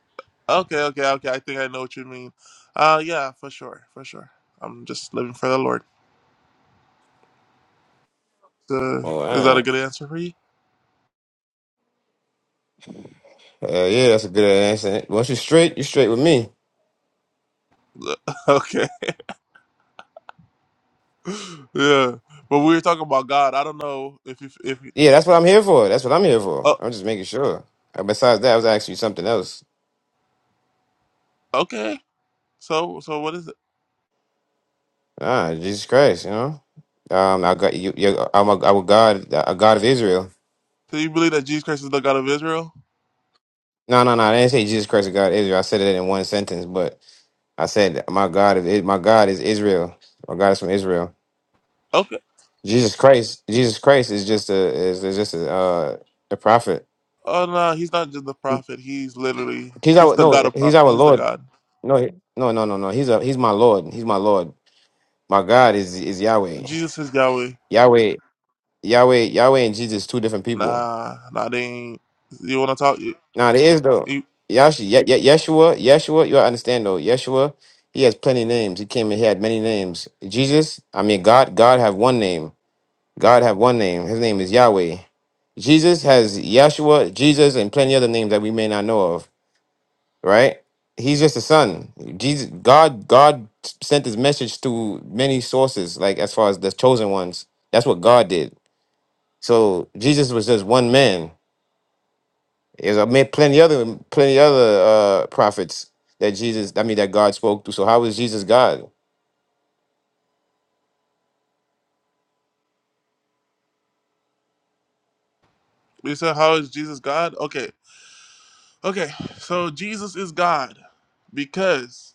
A: Okay, okay, okay. I think I know what you mean. Uh, yeah, for sure, for sure. I'm just living for the Lord. Uh,
D: All
A: is that a
D: right.
A: good answer for you?
D: Uh, yeah, that's a good answer. Once you're straight, you're straight with me.
A: okay, yeah. But we were talking about God. I don't know if you if you.
D: Yeah, that's what I'm here for. That's what I'm here for.
A: Oh,
D: I'm just making sure. Uh, Besides that, I was asking you something else.
A: okay. So so what is it?
D: Ah, Jesus Christ, you know. Um, I got you. You're, I'm a, I'm a God, a God of Israel.
A: Do you believe that Jesus Christ is the God of Israel?
D: No, no, no. I didn't say Jesus Christ, a God of Israel. I said it in one sentence, but I said my God of I- my God is Israel. My God is from Israel.
A: Okay.
D: Jesus Christ, Jesus Christ is just a is, is just a uh, a prophet.
A: Oh no, he's not just the prophet. He's literally
D: He's
A: he's
D: our
A: the god
D: no.
A: of pro-
D: He's our
A: he's the
D: Lord.
A: god.
D: No, he- no, no, no, no. He's a he's my Lord. He's my Lord. My God is is Yahweh.
A: Jesus is Yahweh.
D: Yahweh Yahweh, Yahweh and Jesus, two different people.
A: Nah, nah, they ain't. You want to talk? You,
D: Now there is though.
A: you
D: Yash, Ye- Ye- Yeshua, Yeshua, you gotta understand though. Yeshua, he has plenty names. He came and he had many names. Jesus, I mean God, God have one name. God have one name. His name is Yahweh. Jesus has Yeshua, Jesus, and plenty other names that we may not know of. Right? He's just a son. Jesus, God, God sent his message to many sources, like as far as the chosen ones. That's what God did. So Jesus was just one man There's a man, plenty other plenty other uh, prophets that Jesus, I mean, that God spoke to. So how is Jesus God?
A: you said how is Jesus God? Okay, okay. So Jesus is God because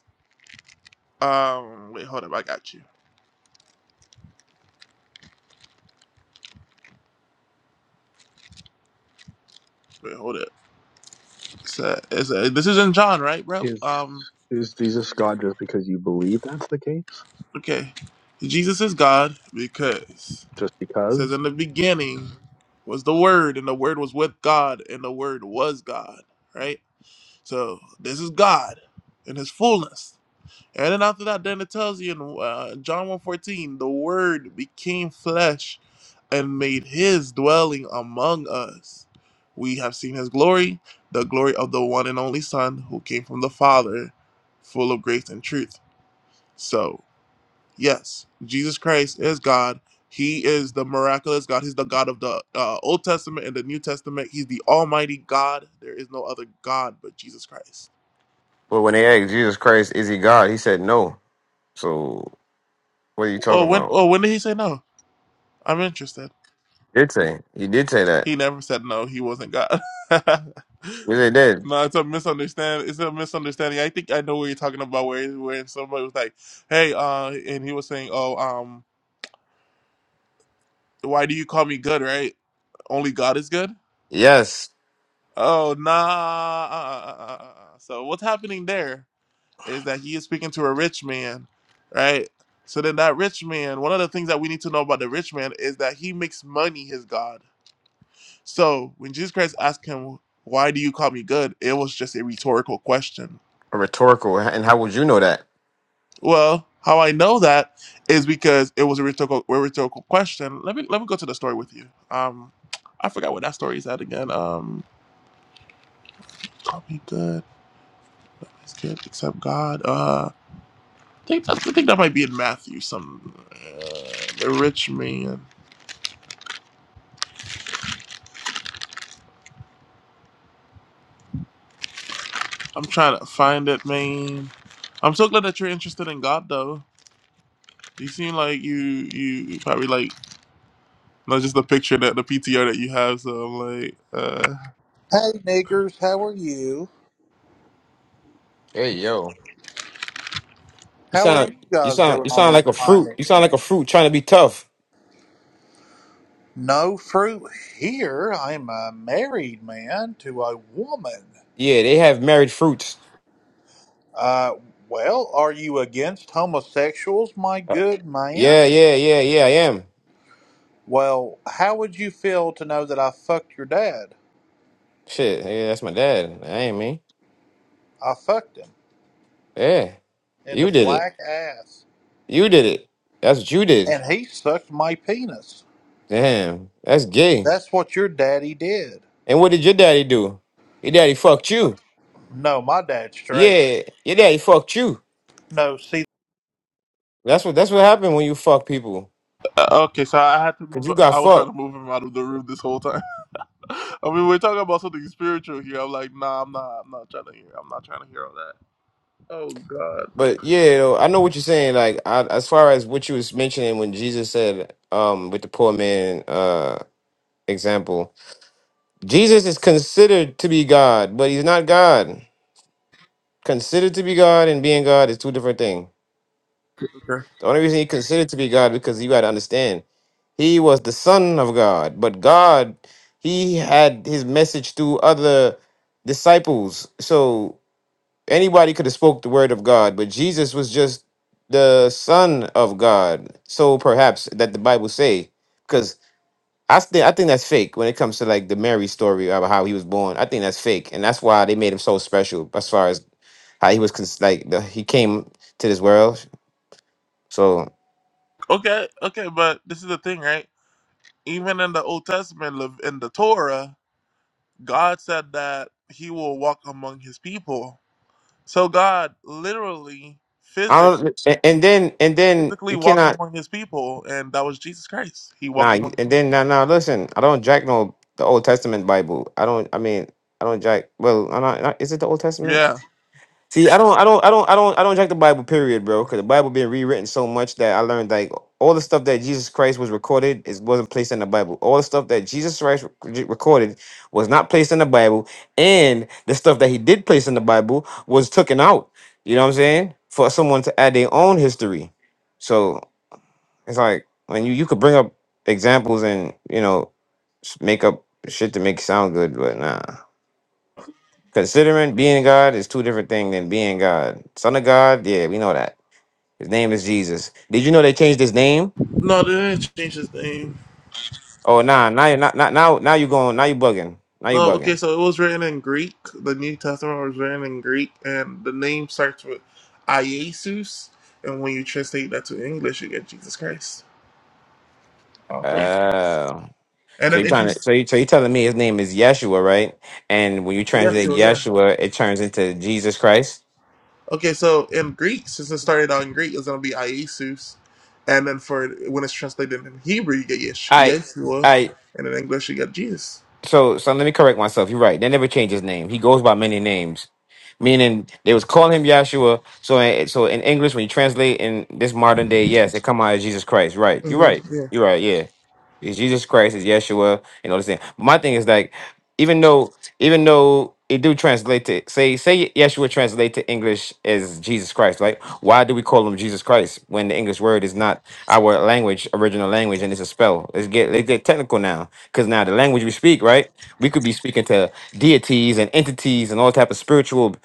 A: um wait hold up I got you. Wait hold up. It's a, it's a, this is in John right bro?
C: Is
A: Um
C: is Jesus God just because you believe that's the case?
A: okay. Jesus is God because
C: Just
A: it
C: because?
A: says in the beginning was the Word and the Word was with God and the Word was God right? So this is God in His fullness. And then after that, then it tells you in uh, John one fourteen, the Word became flesh and made His dwelling among us. We have seen His glory, the glory of the one and only Son who came from the Father, full of grace and truth. So yes, Jesus Christ is God. He is the miraculous God. He's the God of the uh, Old Testament and the New Testament. He's the Almighty God. There is no other God but Jesus Christ.
D: Well, when they asked Jesus Christ, is he God? He said no. So what are you talking
A: Or when
D: about?
A: or when did he say no? I'm interested.
D: Did say he did say that?
A: He never said no, he wasn't God. no,
D: Yes, they did.
A: it's a misunderstanding. It's a misunderstanding. I think I know what you're talking about where where somebody was like, Hey, uh and he was saying, Oh, um, why do you call me good, right? Only God is good?
D: Yes,
A: Oh nah uh, uh, uh, uh, uh. uh, uh. so what's happening there is that he is speaking to a rich man, right? So then that rich man, one of the things that we need to know about the rich man is that he makes money his God So when Jesus Christ asked him, Why do you call me good? it was just a rhetorical question.
D: rhetorical. And how would you know that?
A: Well, how I know that is because it was a rhetorical, a rhetorical question. Let me let me go to the story with you. Um, I forgot what that story is at again. Um, call me good, it's good except God. Uh, I think that, I think that might be in Matthew. Some uh, the rich man. I'm trying to find it, man. I'm so glad that you're interested in God, though. You seem like you you probably like No, just the picture that the PTR that you have. So I'm like, uh,
E: Hey niggers, how are you?
D: Hey yo, you
E: How are
D: sound
E: you
D: you
E: guys
D: sound
E: doing
D: you
E: on
D: sound
E: this
D: like a
E: fine
D: fruit. You sound like a
E: evening?
D: fruit trying to be tough.
E: No fruit here. I'm a married man to a woman.
D: Yeah, they have married fruits.
E: Uh, well, are you against homosexuals, my
D: Uh,
E: good man?
D: Yeah, yeah, yeah, yeah. I am.
E: Well, how would you feel to know that I fucked your dad?
D: Shit, yeah, that's my dad. I ain't me.
E: I fucked him
D: Yeah,
E: in the
D: you did it.
E: black ass,
D: You did it. That's what you did.
E: and he sucked my penis.
D: Damn, that's gay.
E: That's what your daddy did.
D: And what did your daddy do? Your daddy fucked you.
E: No, my dad's straight.
D: Yeah, your daddy fucked you.
E: No, see.
D: That's what that's what happened when you fuck people.
A: uh, okay, so I had to
D: Cause
A: move.
D: you got
A: I was trying
D: fucked.
A: to move him out of the room this whole time. I mean, we're talking about something spiritual here. I'm like, nah, I'm not. I'm not trying to hear. I'm not trying to hear all that. Oh God.
D: But yeah, though, I know what you're saying. Like I, as far as what you was mentioning when Jesus said, um, with the poor man uh example, Jesus is considered to be God, but he's not God. Considered to be God and being God is two different things.
A: Okay.
D: The only reason he considered to be God because you got to understand, he was the Son of God, but God, he had his message through other disciples. So anybody could have spoke the word of God, but Jesus was just the Son of God. So perhaps that the Bible say, because I think I think that's fake when it comes to like the Mary story about how he was born. I think that's fake, and that's why they made him so special as far as how he was cons- like the, he came to this world. So.
A: Okay. Okay. But this is the thing, right? Even in the Old Testament, Lev- in the Torah, God said that He will walk among His people. So God literally,
D: I
A: physic,
D: don't, and and then and then
A: physically
D: you
A: walked
D: cannot
A: among His people, and that was Jesus Christ. He
D: nah
A: walked
D: you-
A: among the
D: and then
A: people.
D: now nah, nah, listen I don't jack no the Old Testament Bible I don't I mean I don't jack well I'm not, not- is it the Old Testament
A: Yeah.
D: see I don't I don't I don't I don't I don't jack the Bible period bro because the Bible been rewritten so much that I learned like all the stuff that Jesus Christ was recorded is wasn't placed in the Bible all the stuff that Jesus Christ rec- recorded was not placed in the Bible and the stuff that he did place in the Bible was taken out you know what I'm saying for someone to add their own history. So It's like when you you could bring up examples and you know s- make up shit to make it sound good, but nah. Considering being God is two different things than being God. Son of God, yeah, we know that. His name is Jesus. Did you know they changed his name?
A: No, they didn't change his name.
D: Oh nah, now you're not, not now now you going now you bugging. Now you
A: No, okay,
D: bugging.
A: so it was written in Greek. The New Testament was written in Greek, and the name starts with Iesus. And when you translate that to English, you get Jesus Christ. Oh, praise.
D: Uh
A: And
D: so
A: then
D: you
A: if you,
D: trying to so you so you telling me his name is Yeshua, right? And when you
A: yeah,
D: translate
A: sure, yeah.
D: Yeshua, it turns into Jesus Christ.
A: Okay, so in Greek, since it started out in Greek, it's gonna be Iesus. And then for when it's translated in Hebrew, you get Yesh
D: I.
A: Yeshua,
D: I,
A: and in English, you get Jesus.
D: So, so let me correct myself. You're right. They never changed his name. He goes by many names, meaning they was calling him Yahshua. So, in- so in English, when you translate in this modern day, yes, it come out as Jesus Christ. Right. You're
A: hmm
D: right.
A: yeah.
D: You're right. Yeah. It's Jesus Christ. It's Yeshua. And all this thing. My thing is like, even though even though it do translate to say say Yeshua translate to English as Jesus Christ, right? Why do we call him Jesus Christ when the English word is not our language, original language, and it's a spell? Let's get let's get technical now, because now the language we speak, right? We could be speaking to deities and entities and all type of spiritual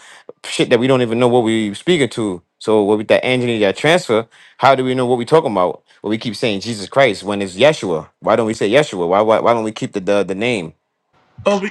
D: shit that we don't even know what we speaking to. So what with that angel that transfer, how do we know what we talking about? Well, we keep saying Jesus Christ when it's Yeshua. Why don't we say Yeshua? Why why, why don't we keep the the, the name
A: Oh, be-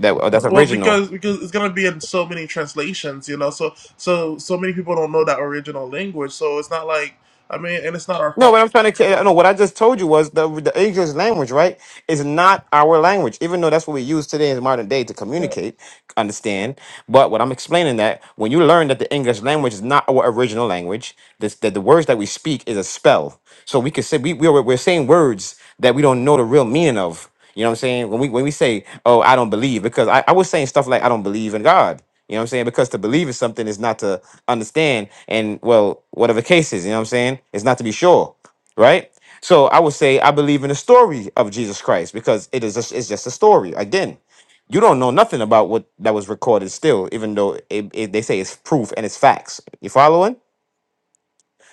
D: that that's
A: Well,
D: original?
A: because because it's gonna be in so many translations, you know. So so so many people don't know that original language. So it's not like I mean, and it's not our
D: No,
A: fault.
D: what I'm trying to ca- no, what I just told you was the the English language, right? It's not our language, even though that's what we use today in modern day to
A: Yeah.
D: communicate, understand. But what I'm explaining that when you learn that the English language is not our original language, this, that the words that we speak is a spell. So we could say we, we are, we're saying words that we don't know the real meaning of. You know what I'm saying? When we when we say, "Oh, I don't believe," because I, I was saying stuff like, "I don't believe in God." You know what I'm saying? Because to believe is something is not to understand, and well, whatever the case is, you know what I'm saying? It's not to be sure, right? So I would say I believe in the story of Jesus Christ because it is just, it's just a story. Again, you don't know nothing about what that was recorded still, even though it, it, they say it's proof and it's facts. You following?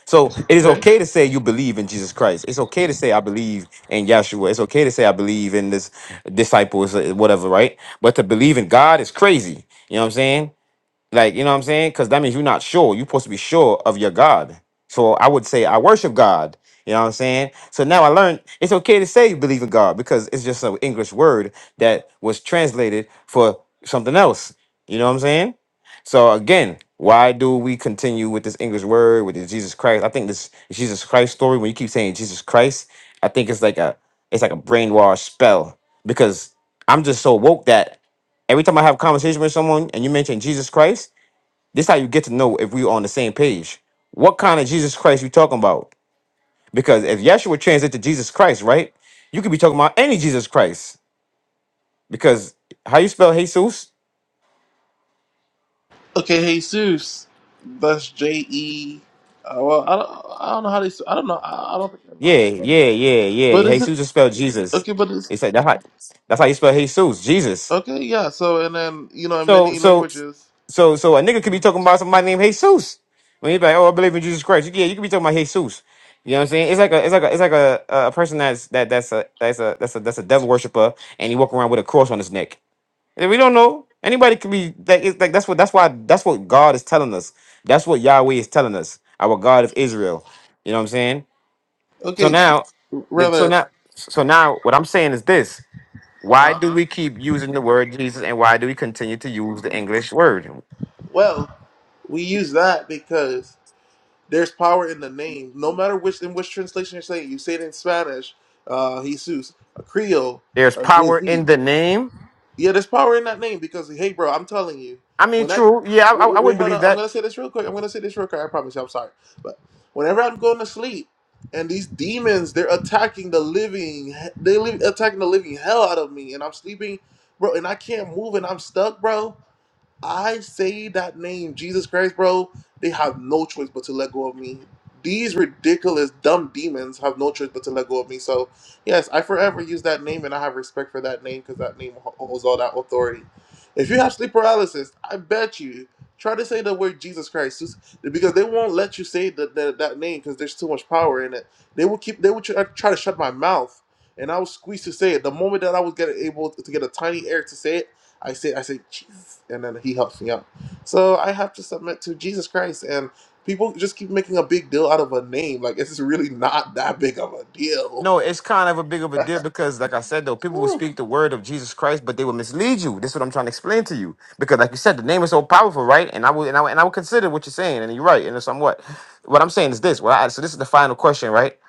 D: So it is
A: Okay.
D: okay to say you believe in Jesus Christ. It's okay to say I believe in Yeshua. It's okay to say I believe in this disciples, uh, whatever, right? But to believe in God is crazy. You know what I'm saying? Like, you know what I'm saying? Because that means you're not sure. You're supposed to be sure of your God. So I would say I worship God. You know what I'm saying? So now I learned it's okay to say you believe in God because it's just an English word that was translated for something else. You know what I'm saying? So again, why do we continue with this English word with this Jesus Christ? I think this Jesus Christ story, when you keep saying Jesus Christ, I think it's like a it's like a brainwash spell because I'm just so woke that every time I have a conversation with someone and you mention Jesus Christ, this how you get to know if we on the same page. What kind of Jesus Christ you talking about? Because if Yeshua translate to Jesus Christ, right? You could be talking about any Jesus Christ. Because how you spell Jesus?
A: Okay. Jesus. That's J E. Uh, well, I don't. I don't know how they. s- I don't know. I, I don't think I know how they
D: Yeah,
A: spell. it.
D: yeah, yeah,
A: But
D: yeah.
A: is it
D: Jesus is spelled Jesus.
A: okay? But it's
D: It's like that's how, that's how you spell Jesus, Jesus.
A: okay. Yeah. So and then you know, in
D: So
A: many
D: so
A: languages.
D: so so a nigga could be
A: Mhm.
D: talking about somebody named Jesus. When he's like, oh, I believe in Jesus Christ. Yeah, you could be talking about Jesus. You know what I'm saying? It's like a it's like a it's like a a person that's that that's a that's a that's a that's a devil worshiper and he walk around with a cross on his neck. And we don't know. Anybody could be like it's like that's what that's why that's what God is telling us. That's what Yahweh is telling us. Our God of Israel. You know what I'm saying? So
A: Okay,
D: now that so
A: rather.
D: now so now what I'm saying is this.
A: Uh
D: Why
A: huh.
D: do we keep using the word Jesus and why do we continue to use the English word?
A: Well, we use that because There's power in the name. No matter which in which translation you say it, you say it in Spanish, uh, Jesus, a Creole,
D: There's
A: a
D: power in
A: Jizzy.
D: the name.
A: Yeah, there's power in that name because hey, bro, I'm telling you,
D: I mean,
A: when I
D: true. Yeah, I, I
A: wait,
D: I
A: wait, wait,
D: would
A: hold
D: believe
A: up, I'm
D: that.
A: gonna say this real quick. I'm gonna say this real quick. I promise you, I'm sorry, but whenever I'm going to sleep. And these demons, they're attacking the living, they live attacking the living hell out of me, and I'm sleeping, bro, and I can't move, and I'm stuck, bro. I say that name, Jesus Christ, bro, they have no choice but to let go of me. These ridiculous, dumb demons have no choice but to let go of me. So, yes, I forever use that name and I have respect for that name because that name ho- holds all that authority. If you have sleep paralysis, I bet you try to say the word Jesus Christ just- because they won't let you say that that that name because there's too much power in it. They will keep, they will try try to shut my mouth and I was squeezed to say it. The moment that I was getting able to get a tiny air to say it, I say, I say, Jesus, and then he helps me out. So I have to submit to Jesus Christ, and people just keep making a big deal out of a name. Like it's really not that big of a deal.
D: No, it's kind of a big of a deal because, like I said, though, people will
A: Whew.
D: speak the word of Jesus Christ, but they will mislead you. This is what I'm trying to explain to you. Because, like you said, the name is so powerful, right? And I will, and I, would- and I would consider what you're saying, and you're right, and somewhat. What I'm saying is this. Well, I, so this is the final question, right?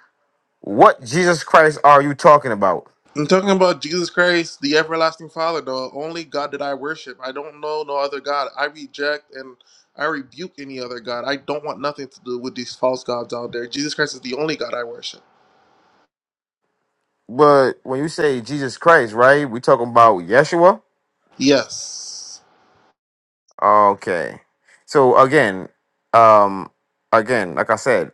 D: What Jesus Christ are you talking about?
A: I'm talking about Jesus Christ, the everlasting Father, the only God that I worship. I don't know no other God. I reject and I rebuke any other God. I don't want nothing to do with these false gods out there. Jesus Christ is the only God I worship.
D: But when you say Jesus Christ, right, we talking about Yeshua.
A: Yes.
D: Okay. So again, um, again, like I said.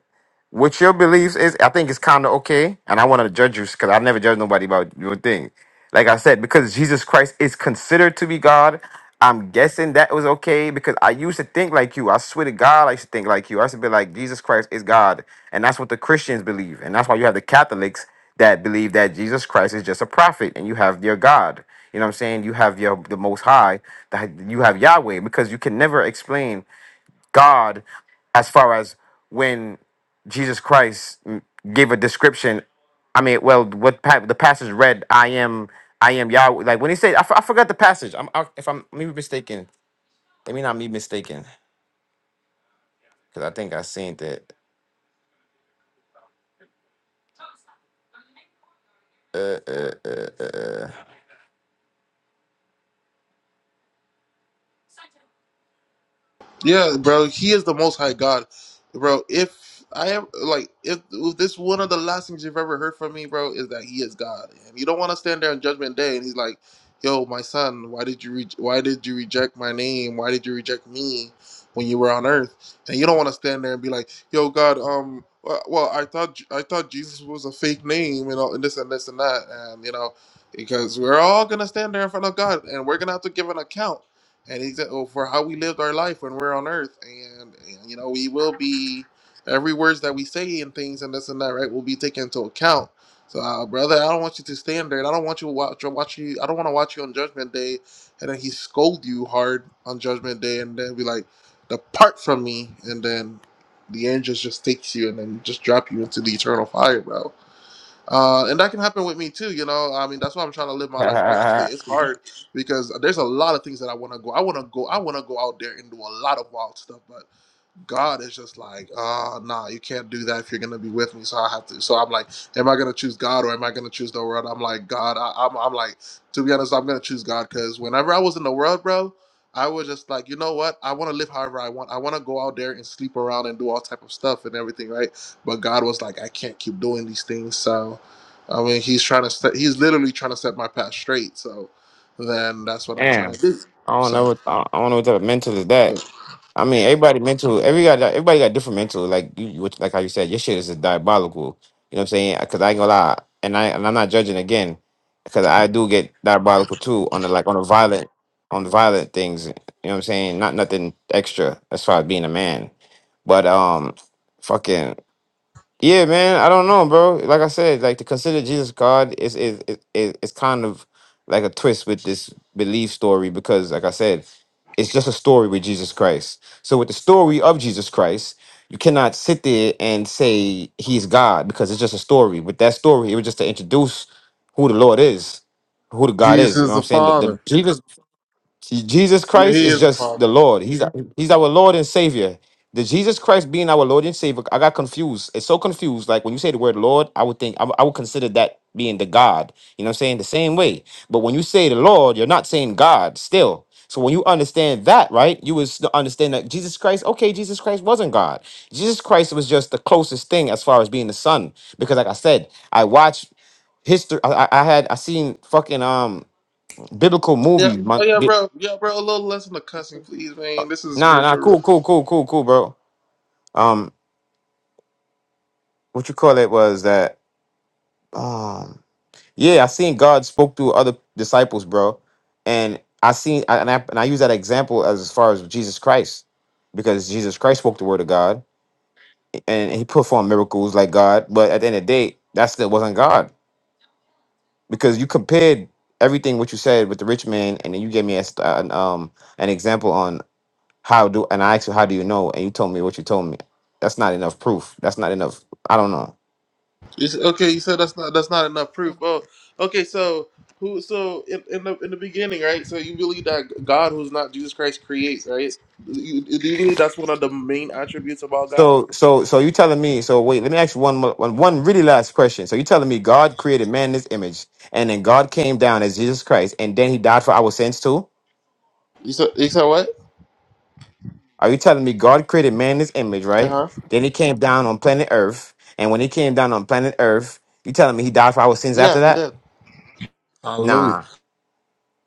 D: What your beliefs is, I think it's kind of okay, and I want to judge you because I never judge nobody about your thing. Like I said, because Jesus Christ is considered to be God, I'm guessing that was okay because I used to think like you. I swear to God, I used to think like you. I used to be like, Jesus Christ is God, and that's what the Christians believe, and that's why you have the Catholics that believe that Jesus Christ is just a prophet, and you have your God. You know what I'm saying? You have your the Most High, that you have Yahweh, because you can never explain. God as far as when Jesus Christ mm, gave a description. I mean, well, what pa- the passage read, I am, I am Yahweh. Like when he said, I f- I forgot the passage. I'm, I, if I'm maybe mistaken, let me not be mistaken, because I think I seen
A: Yeah, bro, he is the most high God. Bro, if I am like if, if this one of the last things you've ever heard from me, bro, is that he is God. And you don't want to stand there on judgment day and he's like, "Yo, my son, why did you re- why did you reject my name? Why did you reject me when you were on earth?" And you don't want to stand there and be like, "Yo, God, um well, well, I thought I thought Jesus was a fake name, you know, and this and this and that." And you know, because we're all going to stand there in front of God and we're going to have to give an account and he's uh, for how we lived our life when we're on earth and, and you know we will be every words that we say and things and this and that right will be taken into account so uh, brother i don't want you to stand there and i don't want you to watch, watch you i don't want to watch you on judgment day and then he scold you hard on judgment day and then be like depart from me and then the angels just takes you and then just drop you into the eternal fire bro uh, and that can happen with me too, you know. I mean, that's why I'm trying to live my life
D: that.
A: righteously. It's hard because there's a lot of things that I want to go. I want to go. I want to go out there and do a lot of wild stuff, but. God is just like, oh nah, you can't do that if you're gonna be with me. So I have to. So I'm like, am I gonna choose God or am I gonna choose the world? I'm like, God, I, I'm, I'm like, to be honest, I'm gonna choose God because whenever I was in the world, bro, I was just like, you know what? I want to live however I want. I want to go out there and sleep around and do all type of stuff and everything, right? But God was like, I can't keep doing these things. So, I mean, he's trying to set. He's literally trying to set my path straight. So, then that's what I'm trying to
D: Damn.
A: do.
D: I don't
A: So,
D: know what I I don't know what type of mental is
A: so
D: that. I mean, everybody mental. Every got everybody got different mental. Like you, which, like how you said, your shit is just diabolical. You know what I'm saying? Because I ain't gonna lie, and I and I'm not judging again, because I do get diabolical too on the like on the violent on the violent things. You know what I'm saying? Not nothing extra as far as being a man, but um, fucking. Yeah, man. I don't know, bro. Like I said, like to consider Jesus God is is is is is kind of like a twist with this belief story because, like I said, it's just a story with Jesus Christ. So with the story of Jesus Christ, you cannot sit there and say he's God because it's just a story. With that story, it was just to introduce who the Lord is, who the God is. You know
F: Jesus
D: what
F: the
D: I'm saying? The, the
F: Father.
D: Jesus See, Jesus
A: yeah,
D: Christ
A: he
D: is
A: is the
D: just
A: father.
D: the Lord. He's He's our Lord and Savior. The Jesus Christ being our Lord and Savior, I got confused. It's so confused. Like when you say the word Lord, I would think I would I would consider that being the God. You know what I'm saying? The same way. But when you say the Lord, you're not saying God still. So when you understand that, right, you would s- understand that Jesus Christ, okay, Jesus Christ wasn't God. Jesus Christ was just the closest thing as far as being the Son. Because like I said, I watched history. I, I I had I seen fucking um biblical
A: Yeah.
D: movies,
A: Oh
D: man.
A: yeah, bro. Yeah, bro. A little less on the cussing, please, man. This is a
D: Nah, nah,
A: spiritual.
D: cool, cool, cool, cool, cool, bro. Um, what you call it was that um yeah, I seen God spoke through other disciples, bro. And I seen I- and I and I use that example as, as far as Jesus Christ, because Jesus Christ spoke the word of God and he performed miracles like God, but at the end of the day, that still wasn't God. Because you compared everything what you said with the rich man, and then you gave me a, st- an um an example on how do and I asked you how do you know, and you told me what you told me. That's not enough proof. That's not enough. I don't know.
A: You s okay, you said that's not that's not enough proof. Oh, okay. So who? So in, in the in the beginning, right? So you believe that God, who's not Jesus Christ, creates, right? You, do you believe that's one of the main attributes about God?
D: So, so, so you telling me? So, wait, let me ask you one, mo- one, one really last question. So, you telling me God created man in His image, and then God came down as Jesus Christ, and then He died for our sins too?
A: You said you said what?
D: Are you telling me God created man in His image,
A: Uh
D: right?
A: huh.
D: Then He came down on planet Earth, and when He came down on planet Earth, you telling me He died for our sins
A: Yeah,
D: after
A: he
D: that?
A: did.
F: Hallelujah.
D: Nah,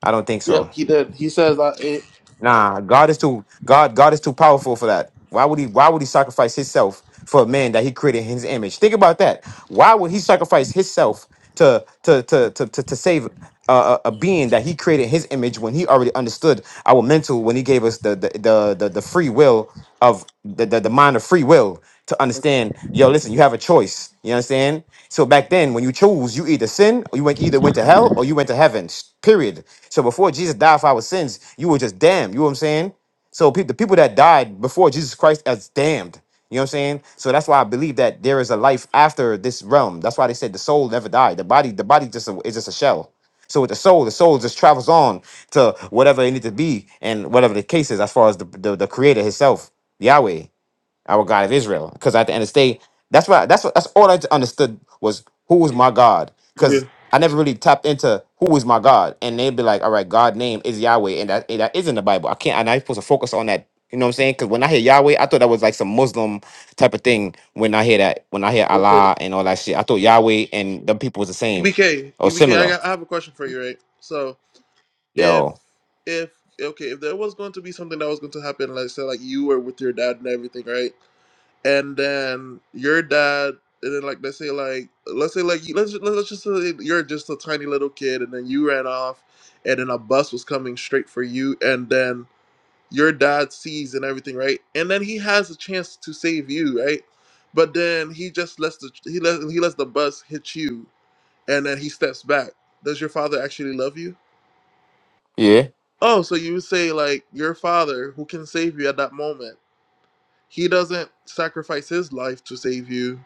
D: I don't think so.
A: Yep, he did. He says that. It,
D: Nah, God is too. God, God is too powerful for that. Why would he? Why would he sacrifice himself for a man that he created in his image? Think about that. Why would he sacrifice himself to to to to to, to save a, a a being that he created in his image when he already understood our mental when he gave us the the the the, the free will of the, the the mind of free will to understand? Yo, listen, you have a choice. You understand? So back then, when you chose, you either sin or you went either went to hell or you went to heaven. Period. So before Jesus died for our sins, you were just damned. You know what I'm saying? So pe- the people that died before Jesus Christ as damned. You know what I'm saying? So that's why I believe that there is a life after this realm. That's why they said the soul never died. The body, the body just a, is just a shell. So with the soul, the soul just travels on to whatever it needs to be and whatever the case is as far as the, the, the creator himself, Yahweh our God of Israel. Because at the end of the day, that's what that's what that's all I understood was who was my God. Because
A: okay.
D: I never really tapped into who is my God, and they'd be like, "All right, God name is Yahweh," and that and that is in the Bible. I can't. I'm not supposed to focus on that. You know what I'm saying? Because when I hear Yahweh, I thought that was like some Muslim type of thing. When I hear that, when I hear
A: Okay.
D: Allah and all that shit, I thought Yahweh and them people was the same
A: EBK,
D: or similar.
A: got. I have a question for you, right? So. if
D: Yo,
A: if okay if there was going to be something that was going to happen like say like you were with your dad and everything right and then your dad and then like let's say like let's say like you- let's let's just say you're just a tiny little kid and then you ran off and then a bus was coming straight for you and then your dad sees and everything right and then he has a chance to save you right but then he just lets the he let he lets the bus hit you and then he steps back does your father actually love you
D: yeah,
A: Oh, so you say like your father who can save you at that moment. He doesn't sacrifice his life to save you,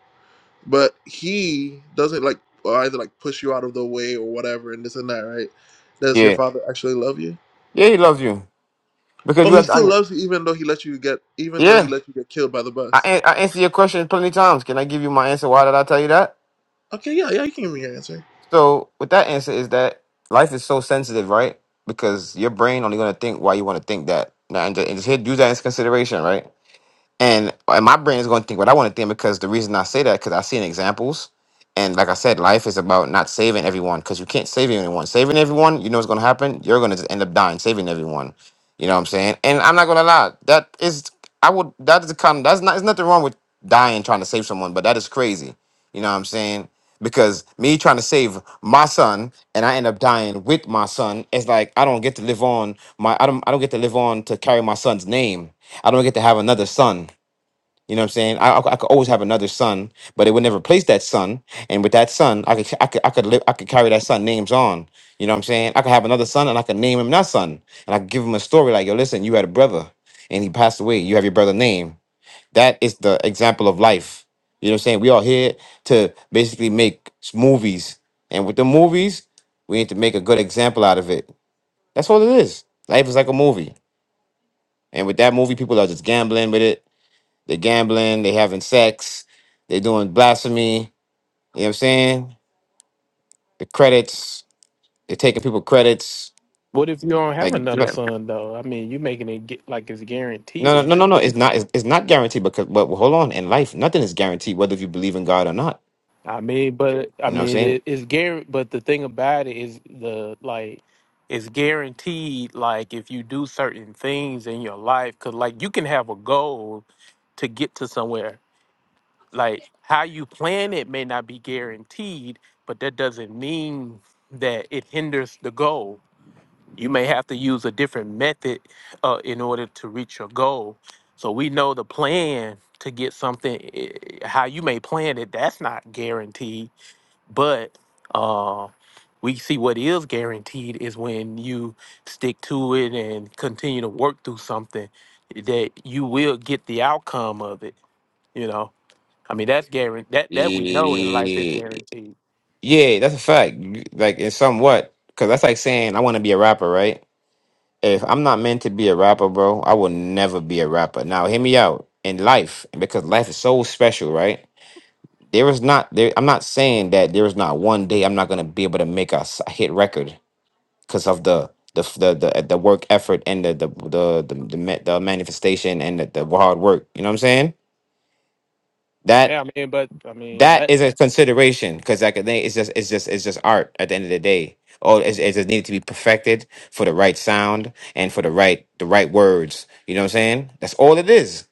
A: but he doesn't like or either like push you out of the way or whatever and this and that, right? Does your
D: yeah,
A: father actually love you?
D: yeah. He loves you because
A: Oh,
D: you
A: he
D: have. to
A: still
D: under-
A: loves you even though he let you get even though he
D: Yeah,
A: let you get killed by the
D: I
A: bus.
D: an- I answer your question plenty times. Can I give you my answer? Why did I tell you that?
A: Okay, yeah, yeah, you can give me your answer.
D: So with that answer is that life is so sensitive, right? Because your brain only gonna think why you want to think that. Now and just, and just here do that as consideration, right? And, and my brain is gonna think what I want to think because the reason I say that because I've seen examples. And like I said, life is about not saving everyone because you can't save anyone. Saving everyone, you know what's gonna happen. You're gonna just end up dying saving everyone. You know what I'm saying? And I'm not gonna lie, that is I would that is a kind that's not there's nothing wrong with dying trying to save someone, but that is crazy you know what I'm saying? Because me trying to save my son and I end up dying with my son, it's like I don't get to live on my I don't I don't get to live on to carry my son's name. I don't get to have another son. You know what I'm saying? I, I, could I could always have another son, but it would never replace that son. And with that son, I could I could I could live I could carry that son names on. You know what I'm saying? I could have another son and I could name him that son. And I could give him a story like, yo, listen, you had a brother and he passed away. You have your brother name. That is the example of life. You know what I'm saying? We are here to basically make s- movies. And with the movies, we need to make a good example out of it. That's all it is. Life is like a movie. And with that movie, people are just gambling with it. They're gambling, they having sex, they're doing blasphemy. You know what I'm saying? The credits, they're taking people credits.
G: What if you don't have
D: Like
G: another
D: Yeah.
G: son though? I mean, you making it get like it's guaranteed
D: no, no, no,
G: that
D: no,
G: you.
D: no. It's not. It's, it's not guaranteed because. But hold on. In life, nothing is guaranteed, whether you believe in God or not.
G: I mean, but I
D: You know what
G: mean
D: I'm
G: it, it's guaranteed. But the thing about it is the like it's guaranteed. Like if you do certain things in your life, cause like you can have a goal to get to somewhere. Like how you plan it may not be guaranteed, but that doesn't mean that it hinders the goal You may have to use a different method uh, in order to reach your goal. So we know the plan to get something, eh, eh, how you may plan it, that's not guaranteed. But uh, we see what is guaranteed is when you stick to it and continue to work through something eh, that you will get the outcome of it. You know, I mean, that's guaranteed. That that we know in life is
D: saying?
G: guaranteed.
D: Yeah, that's a fact. Like, it's somewhat because that's like saying I want to be a rapper, right? If I'm not meant to be a rapper, bro, I will never be a rapper. Now, hear me out. In life, because life is so special, right? There is not there. I'm not saying that there is not one day I'm not gonna be able to make a, s- a hit record because of the the f- the the, uh, the work effort and the the the the, the, ma- the manifestation and the, the hard work. You know what I'm saying? That
G: Yeah, I mean, but I mean
D: that
G: that.
D: is a consideration because like I think it's just it's just it's just art at the end of the day. All it's, it's just needed to be perfected for the right sound and for the right the right words. You know what I'm saying? That's all it is.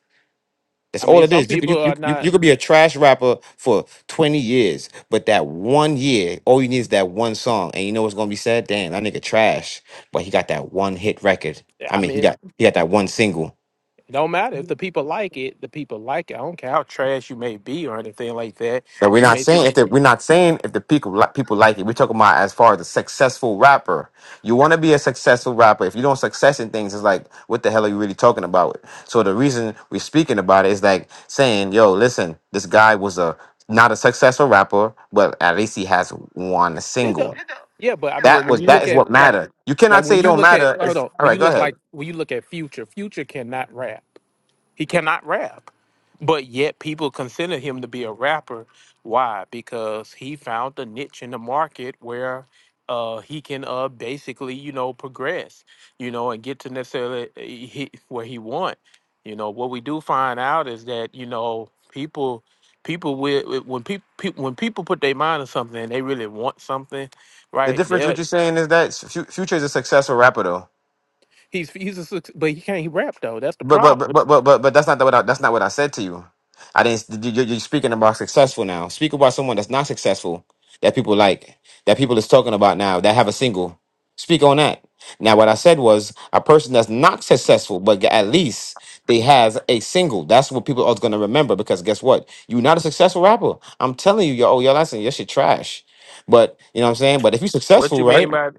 D: That's
G: I
D: all
G: mean,
D: it
G: some
D: is. You could you,
G: people
D: you,
G: are
D: you
G: not.
D: you could be a trash rapper for 20 years, but that one year, all you need is that one song. And you know what's gonna be said? Damn, that nigga trash. But he got that one hit record. I
G: I
D: mean he
G: mean,
D: got he got that one single.
G: It Don't matter if the people like it. The people like it. I don't care how trash you may be or anything like that.
D: But we're
G: You
D: not
G: may think
D: saying if the, we're not saying if the people li- people like it. We're talking about as far as a successful rapper. You want to be a successful rapper. If you don't success in things, it's like what the hell are you really talking about? So the reason we're speaking about it is like saying, "Yo, listen, this guy was a not a successful rapper, but at least he has one
G: it. do
D: single.
G: yeah, but I mean,
D: That
G: when
D: was
G: you
D: that
G: look
D: is
G: at
D: what
G: like,
D: matter. You cannot
G: like
D: say
G: when
D: it
G: you
D: don't
G: look at
D: matter.
G: hold
D: It's
G: on,
D: all
G: when
D: right.
G: you
D: Go
G: look
D: ahead.
G: like when you look at Future, Future cannot rap. He cannot rap. But yet people consider him to be a rapper. Why? Because he found a niche in the market where uh, he can uh, basically, you know, progress, you know, and get to necessarily uh, he, where he want. You know, what we do find out is that, you know, people people will uh, when people when people put their mind on something and they really want something,
D: The
G: right?
D: difference what
G: That
D: you're saying is that Fu- Future is a successful rapper though.
G: he's he's a suc- but he can't rap though. That's the
D: But but but
G: problem.
D: but but but, but that's not what I, that's not what I said to you. I didn't. You, you- you're speaking about successful now. Speak about someone that's not successful that people like that people is talking about now that have a single. Speak on that. Now, what I said was a person that's not successful, but at least they has a single. That's what people are going to remember because guess what? You're not a successful rapper. I'm telling you, yo, oh, your lesson, your shit trash. But you know what I'm saying. But if you're
G: What
D: successful,
G: you
D: right?
G: mean by?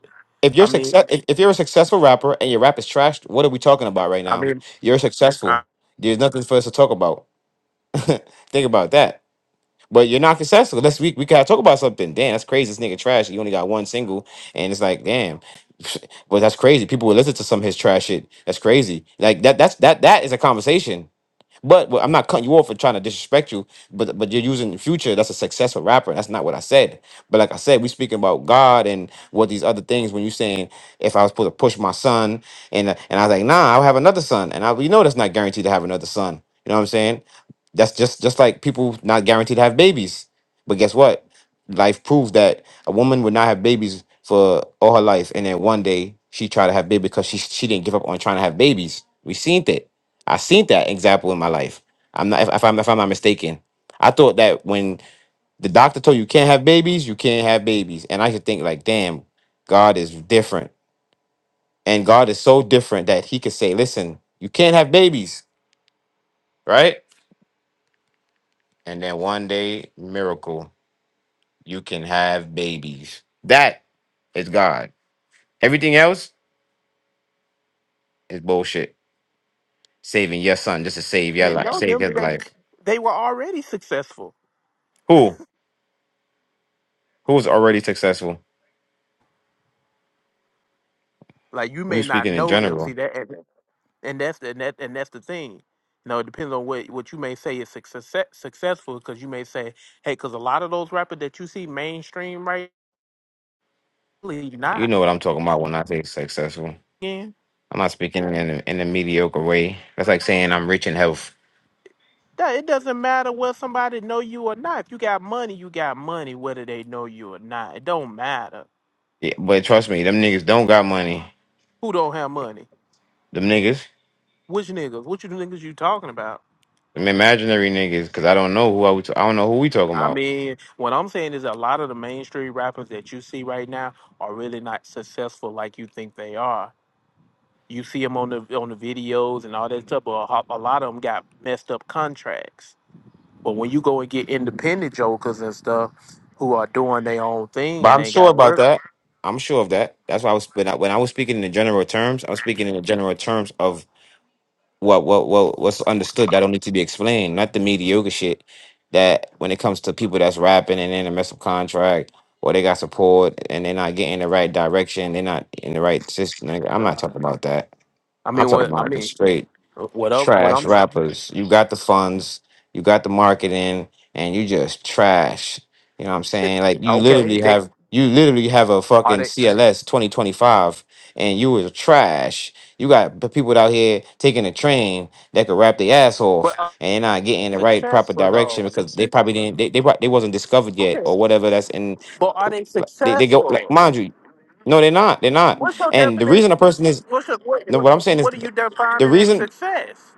D: if you're
G: I mean,
D: success if, if you're a successful rapper and your rap is trashed, what are we talking about right
G: I
D: now?
G: mean,
D: You're
G: I
D: successful. There's nothing for us to talk about. Think about that. But you're not successful. Let's we, we gotta talk about something. Damn, that's crazy. This nigga trash. He only got one single, and it's like, damn. Well, that's crazy. People will listen to some of his trash shit. That's crazy. Like that. That's that. That is a conversation. But well, I'm not cutting you off for trying to disrespect you, but but you're using the future. That's a successful rapper. That's not what I said. But like I said, we speaking about God and what these other things. When you saying if I was supposed to push my son, and and I was like, nah, I'll have another son, and I you know that's not guaranteed to have another son. You know what I'm saying? That's just just like people not guaranteed to have babies. But guess what? Life proves that a woman would not have babies for all her life, and then one day she tried to have baby because she she didn't give up on trying to have babies. We seen that. I seen that example in my life. I'm not if, if I'm if I'm not mistaken. I thought that when the doctor told you you can't have babies, you can't have babies, and I should think like, damn, God is different, and God is so different that He could say, listen, you can't have babies, right? And then one day, miracle, you can have babies. That is God. Everything else is bullshit. Saving your son just to save
G: I
D: your
G: mean,
D: life,
G: no,
D: save
G: them
D: his
G: they
D: life.
G: they were already successful.
D: Who? Who's already successful?
G: Like you may
D: Who's
G: not
D: speaking in
G: know them.
D: general?
G: See that, and, and that's the and, that, and that's the thing. You know, it depends on what what you may say is success successful because you may say, hey, because a lot of those rappers that you see mainstream right, really
D: You
G: not.
D: know what I'm talking about when I say successful.
G: Again,
D: I'm not speaking in a, in a mediocre way. That's like saying I'm rich in health.
G: that it doesn't matter whether somebody know you or not. If you got money, you got money, whether they know you or not. It don't matter.
D: Yeah, but trust me, them niggas don't got money.
G: Who don't have money?
D: Them niggas,
G: Which niggas? Which niggas you talking about?
D: them imaginary niggas, because I don't know who I, was, I don't know who we talking
G: I
D: about.
G: mean, what I'm saying is a lot of the mainstream rappers that you see right now are really not successful like you think they are. You see them on the on the videos and all that stuff, but a, ho- a lot of them got messed up contracts. But when you go and get independent jokers and stuff who are doing their own thing
D: But
G: and
D: I'm
G: they
D: sure
G: got
D: about
G: work,
D: that. I'm sure of that. That's why I was when I, when I was speaking in the general terms. I was speaking in the general terms of what what what what's understood that don't need to be explained, not the mediocre shit that when it comes to people that's rapping and in a mess up contract or they got support and they're not getting the right direction, they're not in the right system. nigga, I'm not
G: uh,
D: talking about that.
G: I
D: I'm
G: mean,
D: talking
G: what I
D: about the
G: mean,
D: straight
G: what I'm what
D: trash
G: I'm
D: rappers. You got the funds, you got the marketing, and you just trash. You know what I'm saying? Like you
G: okay,
D: literally
G: they
D: have you literally have a
G: are
D: fucking
G: they,
D: CLS 2025 and you was trash. You got p- people out here taking a train that could rap their ass
G: but
D: off
G: are
D: and they're not getting
G: they
D: the right proper
G: successful though.
D: direction because they probably didn't they they, prob- they wasn't discovered yet
G: Okay,
D: or whatever that's in
G: but are they
D: like, they, they go
G: successful?
D: like, mind you no they're not they're not
G: What's your
D: and the
G: definition?
D: reason a person is
G: What's a, what,
D: no what I'm
G: what
D: saying is
G: what are you
D: the
G: defining as
D: reason
G: success?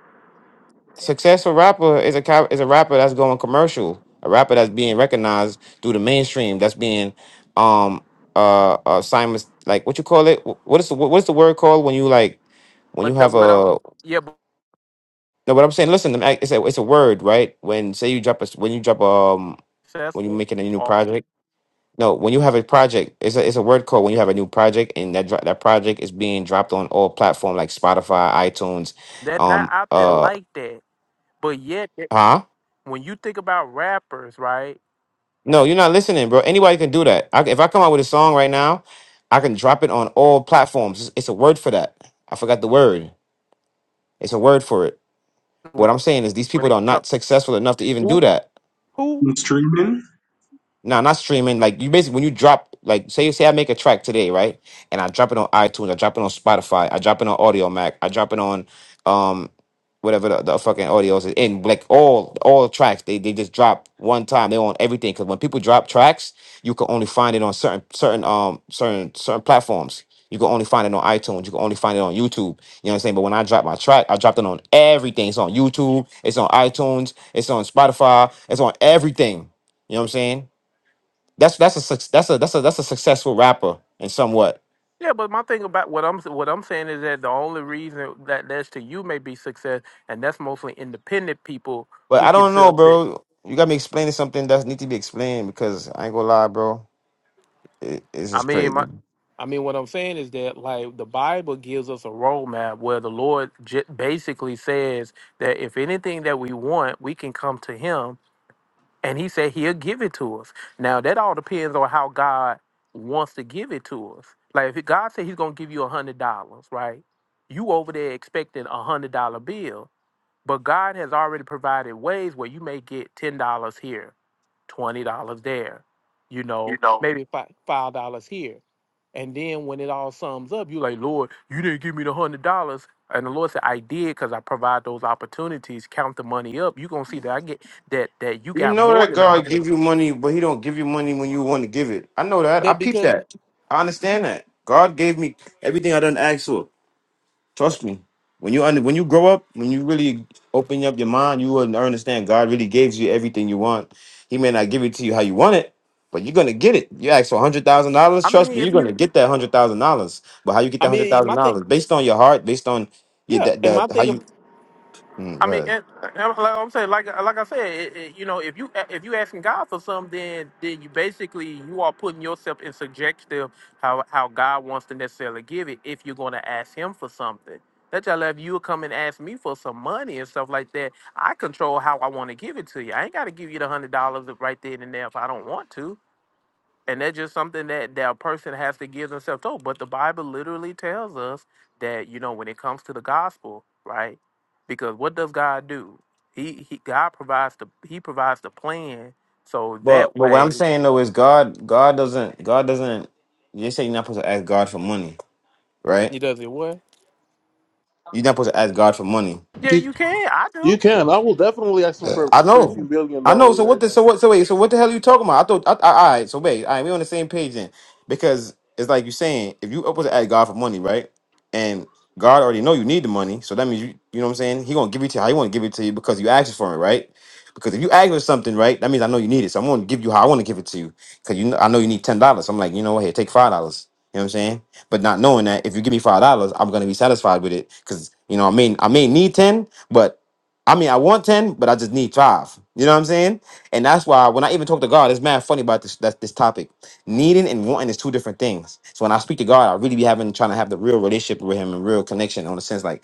D: successful rapper is a co- is a rapper that's going commercial, a rapper that's being recognized through the mainstream, that's being um uh, uh Simon's like what you call it? Wh- What is the wh- what's the word called when you like when you
G: But the,
D: have
G: what I'm
D: a
G: yeah, but
D: no? What I'm saying, listen, I- it's a it's a word, right? When say you drop a s- when you drop um when you're
G: successful
D: making a new
G: or
D: project. No, when you have a project, it's a it's a word called when you have a new project, and that dro- that project is being dropped on all platform like Spotify, iTunes,
G: they're not
D: um,
G: out there
D: uh,
G: like that. But yet,
D: huh?
G: when you think about rappers, right?
D: No, you're not listening, bro. Anybody can do that. I, if I come out with a song right now, I can drop it on all platforms. It's, it's a word for that. I forgot the word. It's a word for it. What
G: When,
D: I'm saying is these
G: when
D: people are
G: it comes
D: not successful enough to even do
G: who
D: that.
G: who
H: Streaming
D: No, not streaming. Like you basically when you drop like say say I make a track today, right? And I drop it on iTunes, I drop it on Spotify, I drop it on Audio Mac, I drop it on um whatever the, the fucking audio is in like all all tracks they, they just drop one time they on everything because when people drop tracks you can only find it on certain certain um certain certain platforms you can only find it on itunes you can only find it on youtube you know what i'm saying but when i drop my track i dropped it on everything it's on youtube it's on itunes it's on spotify it's on everything you know what i'm saying that's that's a suc- that's a that's a that's a successful rapper and somewhat.
G: yeah, but my thing about what I'm what I'm saying is that the only reason that that's to you may be success, and that's mostly independent people
D: But
G: who
D: I
G: can
D: don't know,
G: sell.
D: bro. You got me explaining something that need to be explained because I ain't gonna lie, bro. It, it's
G: I
D: just
G: mean, my,
D: crazy.
G: I mean, what I'm saying is that like the Bible gives us a roadmap where the Lord j- basically says that if anything that we want, we can come to Him, and He said He'll give it to us. Now that all depends on how God wants to give it to us. Like if God said He's gonna give you a hundred dollars, right? You over there expecting a hundred dollar bill. But God has already provided ways where you may get ten dollars here, twenty dollars there, you
D: You
G: know,
D: know,
G: maybe fi- five dollars here. And then when it all sums up, you like, Lord, you didn't give me the hundred dollars. And the Lord said, I did because I provide those opportunities. Count the money up. You're gonna see that I get that that you
D: You
G: got
D: know
G: more
D: that
G: than a hundred
D: God
G: dollars.
D: give you money, but He don't give you money when you want to give it. I know that. I
G: That
D: peep
G: because
D: that. I understand that. God gave me everything I done asked for. Trust me. When you under, when you grow up, when you really open up your mind, you will understand God really gives you everything you want. He may not give it to you how you want it, but you're gonna get it. You ask for hundred thousand dollars,
G: I mean
D: trust me, you're
G: if you
D: gonna get that hundred thousand dollars. But how you get
G: I
D: that hundred
G: mean
D: thousand
G: my thing
D: dollars? Based on your heart, based on your
G: yeah,
D: that
G: and
D: the,
G: my
D: how
G: thing
D: you. Mm,
G: I
D: go
G: mean,
D: ahead.
G: and, and like I'm saying, like like I said, it, it, you know, if you if you asking God for something, then then you basically you are putting yourself in subjective how how God wants to necessarily give it. If you're going to ask Him for something, that's how like, if you would come and ask me for some money and stuff like that. I control how I want to give it to you. I ain't got to give you the hundred dollars right then and there if I don't want to. And that's just something that that a person has to give themselves to. But the Bible literally tells us that you know when it comes to the gospel, right? Because what does God do? He, he God provides the he provides the plan so
D: But
G: that
D: but what I'm
G: way
D: saying though is God God doesn't God doesn't. You say you're not supposed to ask God for money, right?
G: he does it what?
D: You're not supposed to ask God for money
G: Yeah,
A: You,
G: you can. I do.
A: you can. I will definitely ask him
D: Uh,
A: for
D: I
A: thirteen
D: know.
A: billion
D: I know.
A: dollars
D: So what
A: right
D: the
A: now.
D: so what so wait, so what the hell are you talking about? I thought I, I, all right, so wait, all right, we on the same page then. Because it's like you're saying, if you up to ask God for money, right? And God already know you need the money, so that means you you know what I'm saying? He gonna give it to you how he wanna give it to you because you asked for it, right? Because if you ask for something, right, that means I know you need it. So I'm gonna give you how I wanna give it to you. Cause you know I know you need ten dollars. I'm like, you know what, here, take five dollars. You know what I'm saying? But not knowing that if you give me five dollars, I'm gonna be satisfied with it. Cause you know, I mean I may need ten, but I mean, I want 10, but I just need five. You know what I'm saying? And that's why when I even talk to God, it's mad funny about this that, this topic. Needing and wanting is two different things. So when I speak to God, I really be having trying to have the real relationship with him and real connection on the sense like,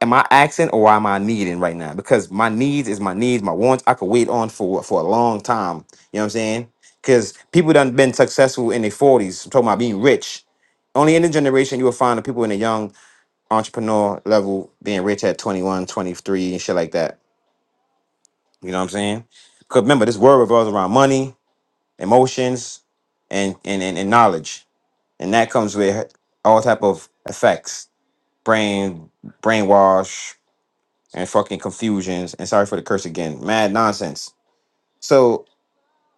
D: am I asking or am I needing right now? Because my needs is my needs, my wants I could wait on for for a long time. You know what I'm saying? Because people done been successful in their 40s. I'm talking about being rich. Only in the generation you will find the people in the young entrepreneur level being rich at 21, 23, and shit like that you know what I'm saying? Because remember, this world revolves around money, emotions, and and, and and knowledge, and that comes with all type of effects, brain brainwash, and fucking confusions. And sorry for the curse again, mad nonsense. So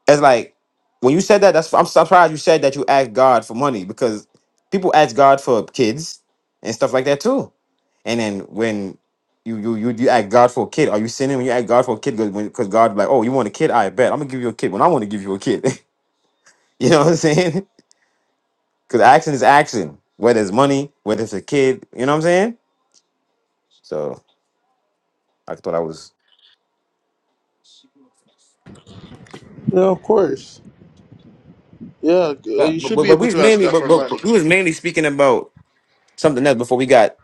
D: it's like when you said that. That's I'm surprised you said that you asked God for money because people ask God for kids and stuff like that too. And then when you you you, you ask God for a kid, are you sinning when you ask God for a kid? Because God be like, oh, you want a kid? I bet I'm gonna give you a kid when I want to give you a kid. you know what I'm saying? Because action is action, whether it's money, whether it's a kid. You know what I'm saying? So I thought I was.
A: Yeah, of course. Yeah,
D: But
A: you should
D: but,
A: be
D: but we
A: able
D: was
A: to ask
D: mainly
A: God
D: but,
A: for
D: but
A: money.
D: but we was mainly speaking about something else before we got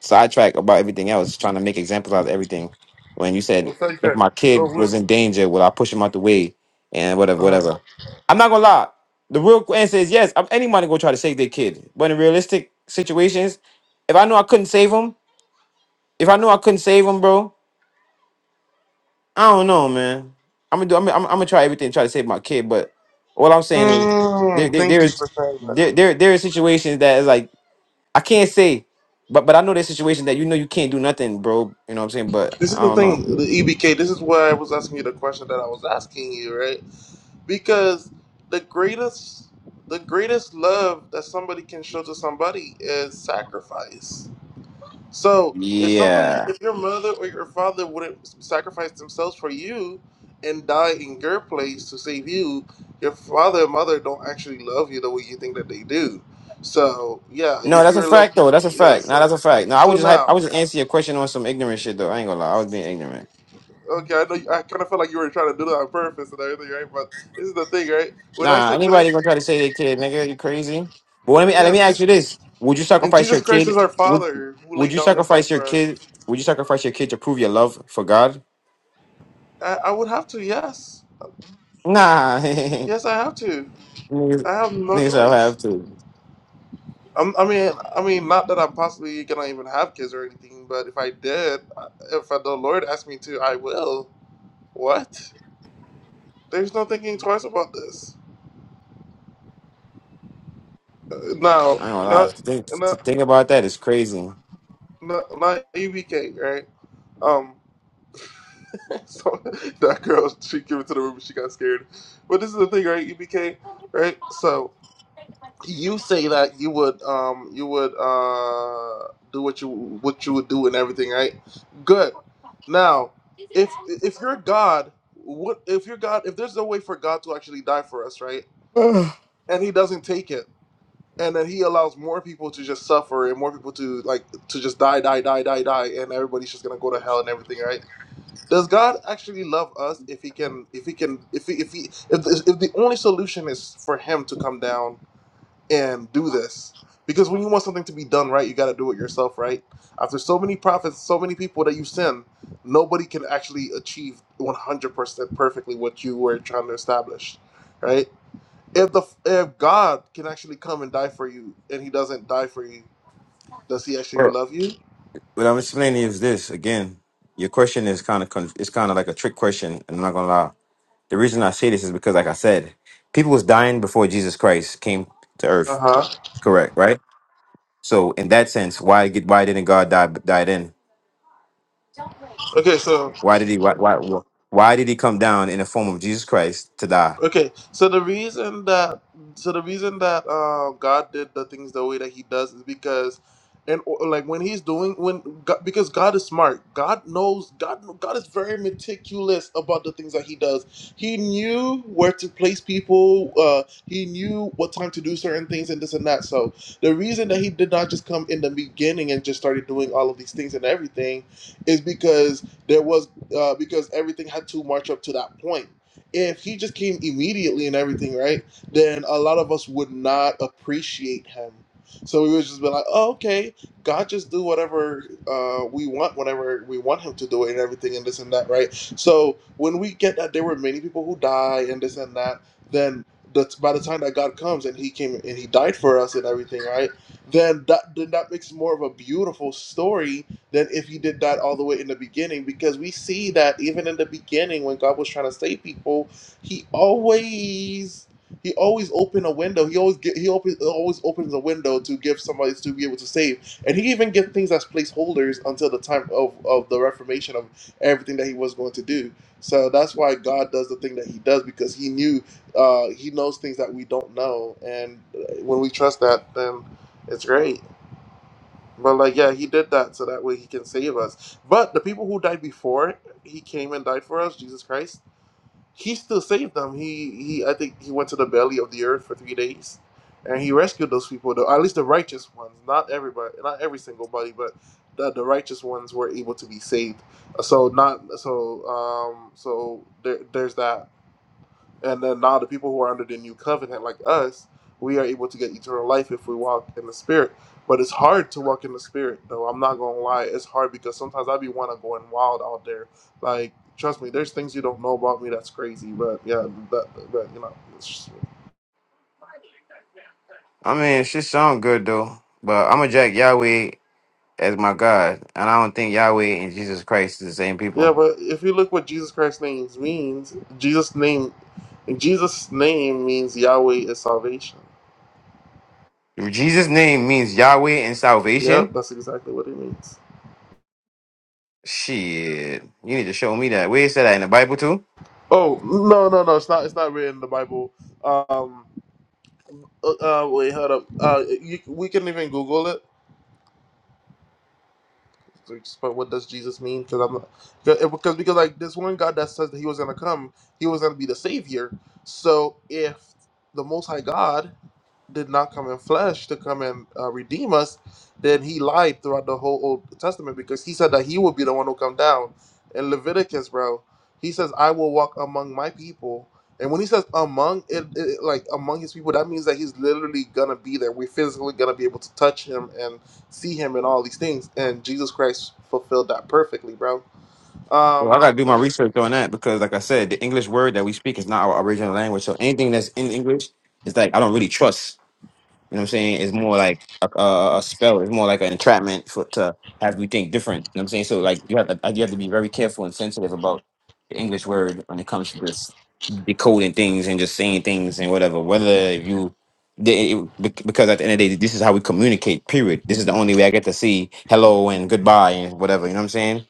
D: sidetrack about everything else, trying to make examples out of everything. When you said
A: Well, thank
D: if
A: you.
D: my kid
A: Oh,
D: was in danger, would I push him out the way and whatever,
A: we-
D: whatever? I'm not gonna lie. The real answer is yes. I'm, anybody gonna try to save their kid, but in realistic situations, if I knew I couldn't save him, if I knew I couldn't save him, bro, I don't know, man. I'm gonna do. I'm, gonna- I'm, I'm gonna try everything to try to save my kid, but all I'm saying is there,
A: Mm,
D: there, there
A: thank you
D: is
A: for saying that.
D: there, there, there are situations that is like I can't say, but but I know that situation that you know you can't do nothing, bro. You know what I'm saying? But
A: This
D: I
A: is the
D: don't know.
A: thing, the EBK. This is why I was asking you the question that I was asking you, right? Because the greatest, the greatest love that somebody can show to somebody is sacrifice. So if somebody,
D: Yeah.
A: if your mother or your father wouldn't sacrifice themselves for you and die in your place to save you, your father and mother don't actually love you the way you think that they do. So yeah,
D: No,
A: if
D: that's a
A: you're a little,
D: fact
A: kid-
D: though. That's a
A: yeah.
D: fact. Nah,
A: So
D: that's a fact. No, I was
A: so
D: just hype, I
A: now.
D: was just answering your question on some ignorant shit though. I ain't gonna lie, I was being ignorant.
A: Okay, I know. You, I kind of felt like you were trying to do that on purpose and everything, right? But this is the thing, right? When I
D: Nah,
A: say when I
D: anybody gonna try to say their kid, nigga, you crazy? But let me let me ask you
A: yes,
D: this: Would you
A: and
D: sacrifice your
A: Jesus Christ is
D: kid?
A: our
D: Would
A: Father who
D: Would
A: laid
D: you
A: down His
D: sacrifice
A: life
D: your
A: for us.
D: kid? Would you sacrifice your kid to prove your love for God?
A: I, I would have to, yes,
D: Nah, niggas,
A: yes, I have to. I have no
D: niggas, I have
A: choice.
D: to.
A: i I mean, I mean, not that I'm possibly gonna even have kids or anything, but if I did, uh, if the Lord asked me to, I will. What? There's no thinking twice about this. Uh, Now,
D: I ain't gonna lie.
A: not,
D: To think to
A: not,
D: think about that is crazy.
A: not, not ABK, right? Um, so that girl, she came into the room and she got scared. But this is the thing, right, EBK, right? So you say that you would, um, you would uh, do what you what you would do and everything, right? Good. Now, if if you're God, what if you're God? If there's no way for God to actually die for us, right?
D: Bro,
A: And He doesn't take it, and then He allows more people to just suffer and more people to like to just die, die, die, die, die, and everybody's just gonna go to hell and everything, right? Does God actually love us if he can if he can if he, if he if, the- if the only solution is for him to come down and do this? Because when you want something to be done right, you got to do it yourself, right? After so many prophets, so many people that you send, nobody can actually achieve 100% perfectly what you were trying to establish, right? If the if God can actually come and die for you and he doesn't die for you, does he actually love you?
D: what I'm explaining is this again. Your question is kind of con- it's kind of like a trick question, and I'm not gonna lie. The reason I say this is because, like I said, people was dying before Jesus Christ came to Earth.
A: Uh-huh.
D: Correct, right? So in that sense, why get why didn't God die die then?
A: Okay, so.
D: Why did he why why why did he come down in the form of Jesus Christ to die?
A: Okay, so the reason that so the reason that uh, God did the things the way that He does is because, and or, like when He's doing when God, because God is smart, God knows God God is very meticulous about the things that He does. He knew where to place people. Uh, he knew what time to do certain things and this and that. So the reason that He did not just come in the beginning and just started doing all of these things and everything is because there was uh, because everything had to march up to that point if he just came immediately and everything, right, then a lot of us would not appreciate him. So we would just be like, oh, okay, God just do whatever uh, we want whenever we want him to do it and everything and this and that, right? So when we get that there were many people who die and this and that, then that's by the time that God comes and he came and he died for us and everything, right? Then that then that makes more of a beautiful story than if you did that all the way in the beginning because we see that even in the beginning when God was trying to save people, he always he always opened a window. He always get, he open, always opens a window to give somebody to be able to save. And he even gives things as placeholders until the time of, of the reformation of everything that he was going to do. So that's why God does the thing that he does because he knew uh, he knows things that we don't know. And uh, when we trust that, then it's great. But like, yeah, he did that so that way he can save us. But the people who died before he came and died for us, Jesus Christ, he still saved them. He he, I think he went to the belly of the earth for three days, and he rescued those people. Though at least the righteous ones, not everybody, not every single body, but the, the righteous ones were able to be saved. So not so um so there, there's that. And then now the people who are under the new covenant, like us, we are able to get eternal life if we walk in the spirit. But it's hard to walk in the spirit, though. I'm not gonna lie, it's hard because sometimes I be wanna going wild out there. Like, trust me, there's things you don't know about me that's crazy. But yeah, that, but you know, it's just-
D: I mean, it should sound good though, but I'm gonna jack Yahweh as my God, and I don't think Yahweh and Jesus Christ is the same
A: yeah.
D: people.
A: But if you look what Jesus Christ's name means, Jesus name, Jesus name means Yahweh is salvation.
D: Jesus' name means Yahweh and
A: Yep,
D: salvation
A: that's exactly what it means.
D: Shit, you need to show me that. Where is that at in the Bible too?
A: Oh no, no, no, it's not. It's not written in the Bible. Um, Uh, uh, wait, hold up. Uh, you, we can even Google it. But what does Jesus mean? Because I'm because because because, like this one God that says that He was gonna come, He was gonna be the Savior. So if the Most High God did not come in flesh to come and uh, redeem us, then he lied throughout the whole Old Testament because he said that he would be the one who come down. In Leviticus, bro, he says, "I will walk among my people." And when he says among it, it, like among his people, that means that he's literally gonna be there. We're physically gonna be able to touch him and see him and all these things. And Jesus Christ fulfilled that perfectly, bro.
D: Well, I
A: Um,
D: gotta do
A: let
D: my
A: me. See.
D: research on that because, like I said, the English word that we speak is not our original language. So anything that's in English is like I don't really trust. You know what I'm saying? It's more like a, a, a spell. It's more like an entrapment for to have you think different. You know what I'm saying? So like you have to, like, you have to be very careful and sensitive about the English word when it comes to this decoding things and just saying things and whatever. Whether you the- it- bec- because at the end of the day, this is how we communicate. Period. This is the only way I get to see hello and goodbye and whatever. You know what I'm saying?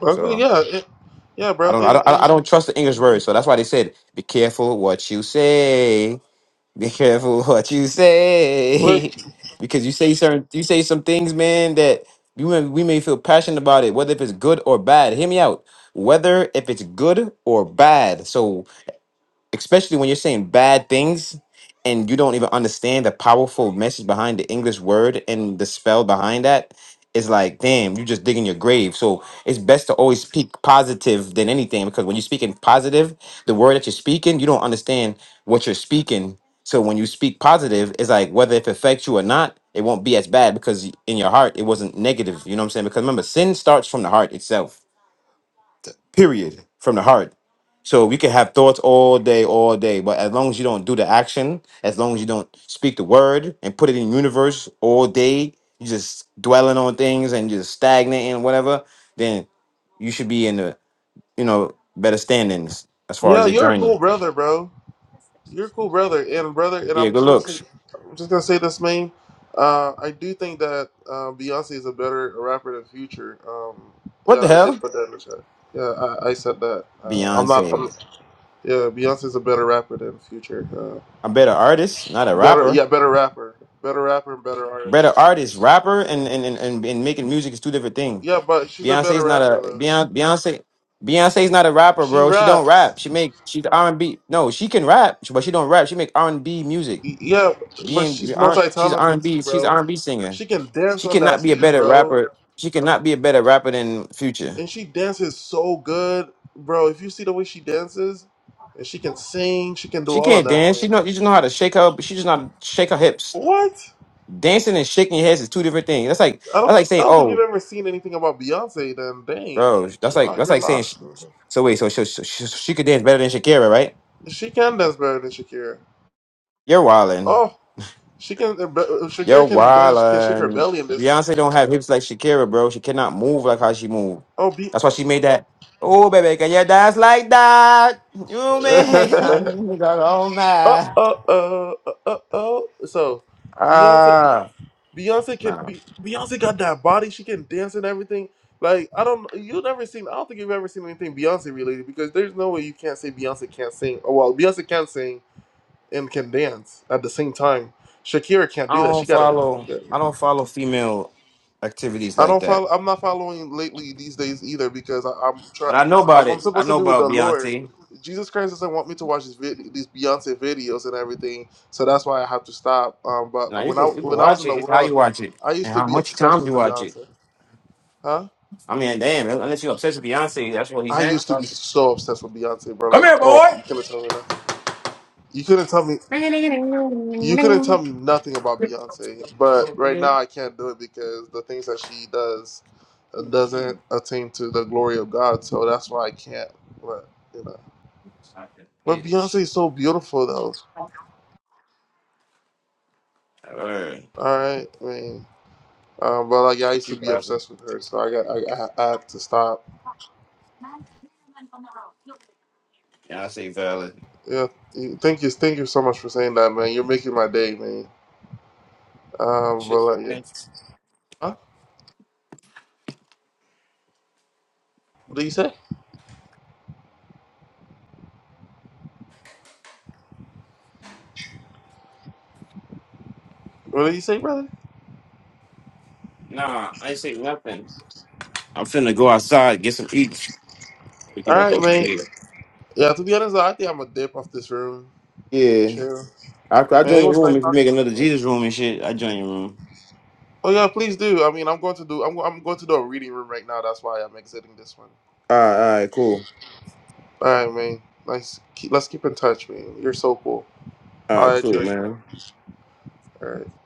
A: Okay,
D: So
A: yeah, it, yeah,
D: I
A: bro.
D: don't, I
A: And
D: don't, I don't I
A: and
D: don't trust the English word. So that's why they said, "Be careful what you say." Be careful what you
A: but
D: say, because you say certain, you say some things, man, that you may, we may feel passionate about it, whether if it's good or bad. Hear me out. Whether if it's good or bad. so especially when you're saying bad things and you don't even understand the powerful message behind the English word and the spell behind that, it's like, damn, you're just digging your grave. So it's best to always speak positive than anything because when you're speaking positive, the word that you're speaking, you don't understand what you're speaking. So when you speak positive, it's like whether if it affects you or not, it won't be as bad because in your heart it wasn't negative. You know what I'm saying? Because remember, sin starts from the heart itself period, from the heart. So we can have thoughts all day, all day, but as long as you don't do the action, as long as you don't speak the word and put it in universe all day, you just dwelling on things and just stagnating and whatever, then you should be in the you know better standings as far
A: yeah,
D: as your
A: you're a
D: journey.
A: cool brother, bro. You're a cool brother, and brother, and
D: Yeah,
A: I'm
D: good
A: just gonna say,
D: looks.
A: I'm just gonna say this, man. Uh, I do think that uh, Beyonce is a better rapper than Future. Um,
D: What the
A: yeah, I did
D: hell,
A: put that in the chat. Yeah, I, I said that. Um, I'm not. I'm,
D: Beyonce?
A: yeah, Beyonce is a better rapper than Future. Uh,
D: A better artist, not a
A: better,
D: rapper.
A: yeah, better rapper, better rapper, and better artist.
D: Better artist, rapper, and and and and, and making music is two different things.
A: Yeah, but she's a better
D: Beyonce's not
A: rapper
D: a
A: though.
D: Beyonce. Beyonce Beyonce's not a rapper,
A: She
D: bro. She don't
A: raps.
D: rap. She make she's R and B. No, she can rap, but she don't rap. She make R and B music.
A: Y- Yeah, but
D: Being
A: she's
D: R,
A: multi
D: she's R and
A: talented too,
D: B. She's R
A: bro.
D: and B singer.
A: She can dance
D: She
A: on that
D: cannot be a
A: stage,
D: better
A: bro.
D: rapper. She cannot be a better rapper than Future.
A: and she dances so good, bro. If you see the way she dances, and she can sing, she can do
D: She
A: all of
D: can't
A: that,
D: dance.
A: man.
D: She know you just know how to shake her. But she just not shake her hips.
A: What?
D: Dancing and shaking your heads is two different things. That's like
A: I
D: that's
A: don't
D: like
A: think I
D: saying,
A: don't think
D: oh,
A: you've ever seen anything about Beyonce. Then dang,
D: bro. That's like
A: wow,
D: that's
A: you're
D: like saying. She,
A: lost. Bro.
D: so wait, so she, she, she could dance better than Shakira, right?
A: She can dance better than Shakira.
D: You're wilding.
A: Oh, she can. uh, be- uh, Shakira
D: Yo,
A: can dance, can shake her
D: wildin'.
A: belly in this.
D: Beyonce don't have hips like Shakira, bro. She cannot move like how she move.
A: Oh, be.
D: That's why she made that. Oh, baby, can you dance like that? You make
A: oh,
D: me go all
A: oh,
D: mad.
A: oh, oh, oh. oh. So, Beyonce.
D: Ah,
A: Beyonce can
D: nah.
A: be Beyonce got that body. She can dance and everything. Like I don't, you've never seen. I don't think you've ever seen anything Beyonce related because there's no way you can't say Beyonce can't sing. Oh well, Beyonce can sing and can dance at the same time. Shakira can't
D: I
A: do that.
D: don't
A: She gotta.
D: follow. I don't follow female activities
A: I
D: like
A: don't
D: that.
A: follow. I'm not following lately these days either because I, I'm try.
D: But I know about
A: I'm, I'm
D: it. I
A: supposed to
D: know
A: be with
D: about
A: the Lord.
D: Beyonce.
A: Jesus Christ doesn't want me to watch these vid- these Beyonce videos and everything, so that's why I have to stop. Um,
D: Now
A: but
D: you
A: when I
D: can you can
A: when I was
D: watch
A: in the
D: it. It's how you
A: world,
D: watch it
A: I used
D: and
A: to
D: how
A: be
D: much
A: obsessed
D: time you
A: with
D: watch it.
A: Beyonce. Huh?
D: I mean, damn. Unless you're obsessed with Beyonce, that's what he's
A: I
D: saying.
A: used to be
D: Come
A: so obsessed with Beyonce, bro. Like,
D: here,
A: oh, you couldn't tell me nothing. You couldn't tell me. You couldn't tell me nothing about Beyonce. But right now, I can't do it because the things that she does uh,
D: boy.
A: doesn't attain to the glory of God. So that's why I can't. But you know, but Beyonce
D: Bitch.
A: is so beautiful, though.
D: Alright.
A: All right, I mean, um, but like, yeah, I used
D: She
A: to be
D: valid.
A: obsessed with her, so I got, I, I, I had to stop.
D: Yeah, I say valid.
A: Yeah, you- thank you, thank you so much for saying that, man. You're making my day, man. Um,
D: Shit,
A: but like, yeah.
D: man.
A: Huh? What did you say? What did you say, brother?
D: Nah, I ain't say nothing. I'm finna go outside, get some eats. We
A: All
D: get back
A: right,
D: on
A: man.
D: later.
A: Yeah, to be honest, though, I think I'm gonna dip off this room.
D: Yeah.
A: Chill,
D: I, I
A: man.
D: join
A: It
D: your
A: was
D: room
A: nice
D: if you
A: talking
D: make
A: to
D: another
A: you, man.
D: Jesus room and shit. I join your room.
A: Oh yeah, please do. I mean, I'm going to do. I'm, I'm going to do a reading room right now. That's why I'm exiting this one.
D: All right, all right, cool.
A: All right, man. Nice. Keep, let's keep in touch, man. You're so cool.
D: All
A: I'll
D: right,
A: add you
D: cool,
A: right now.
D: man.
A: All right.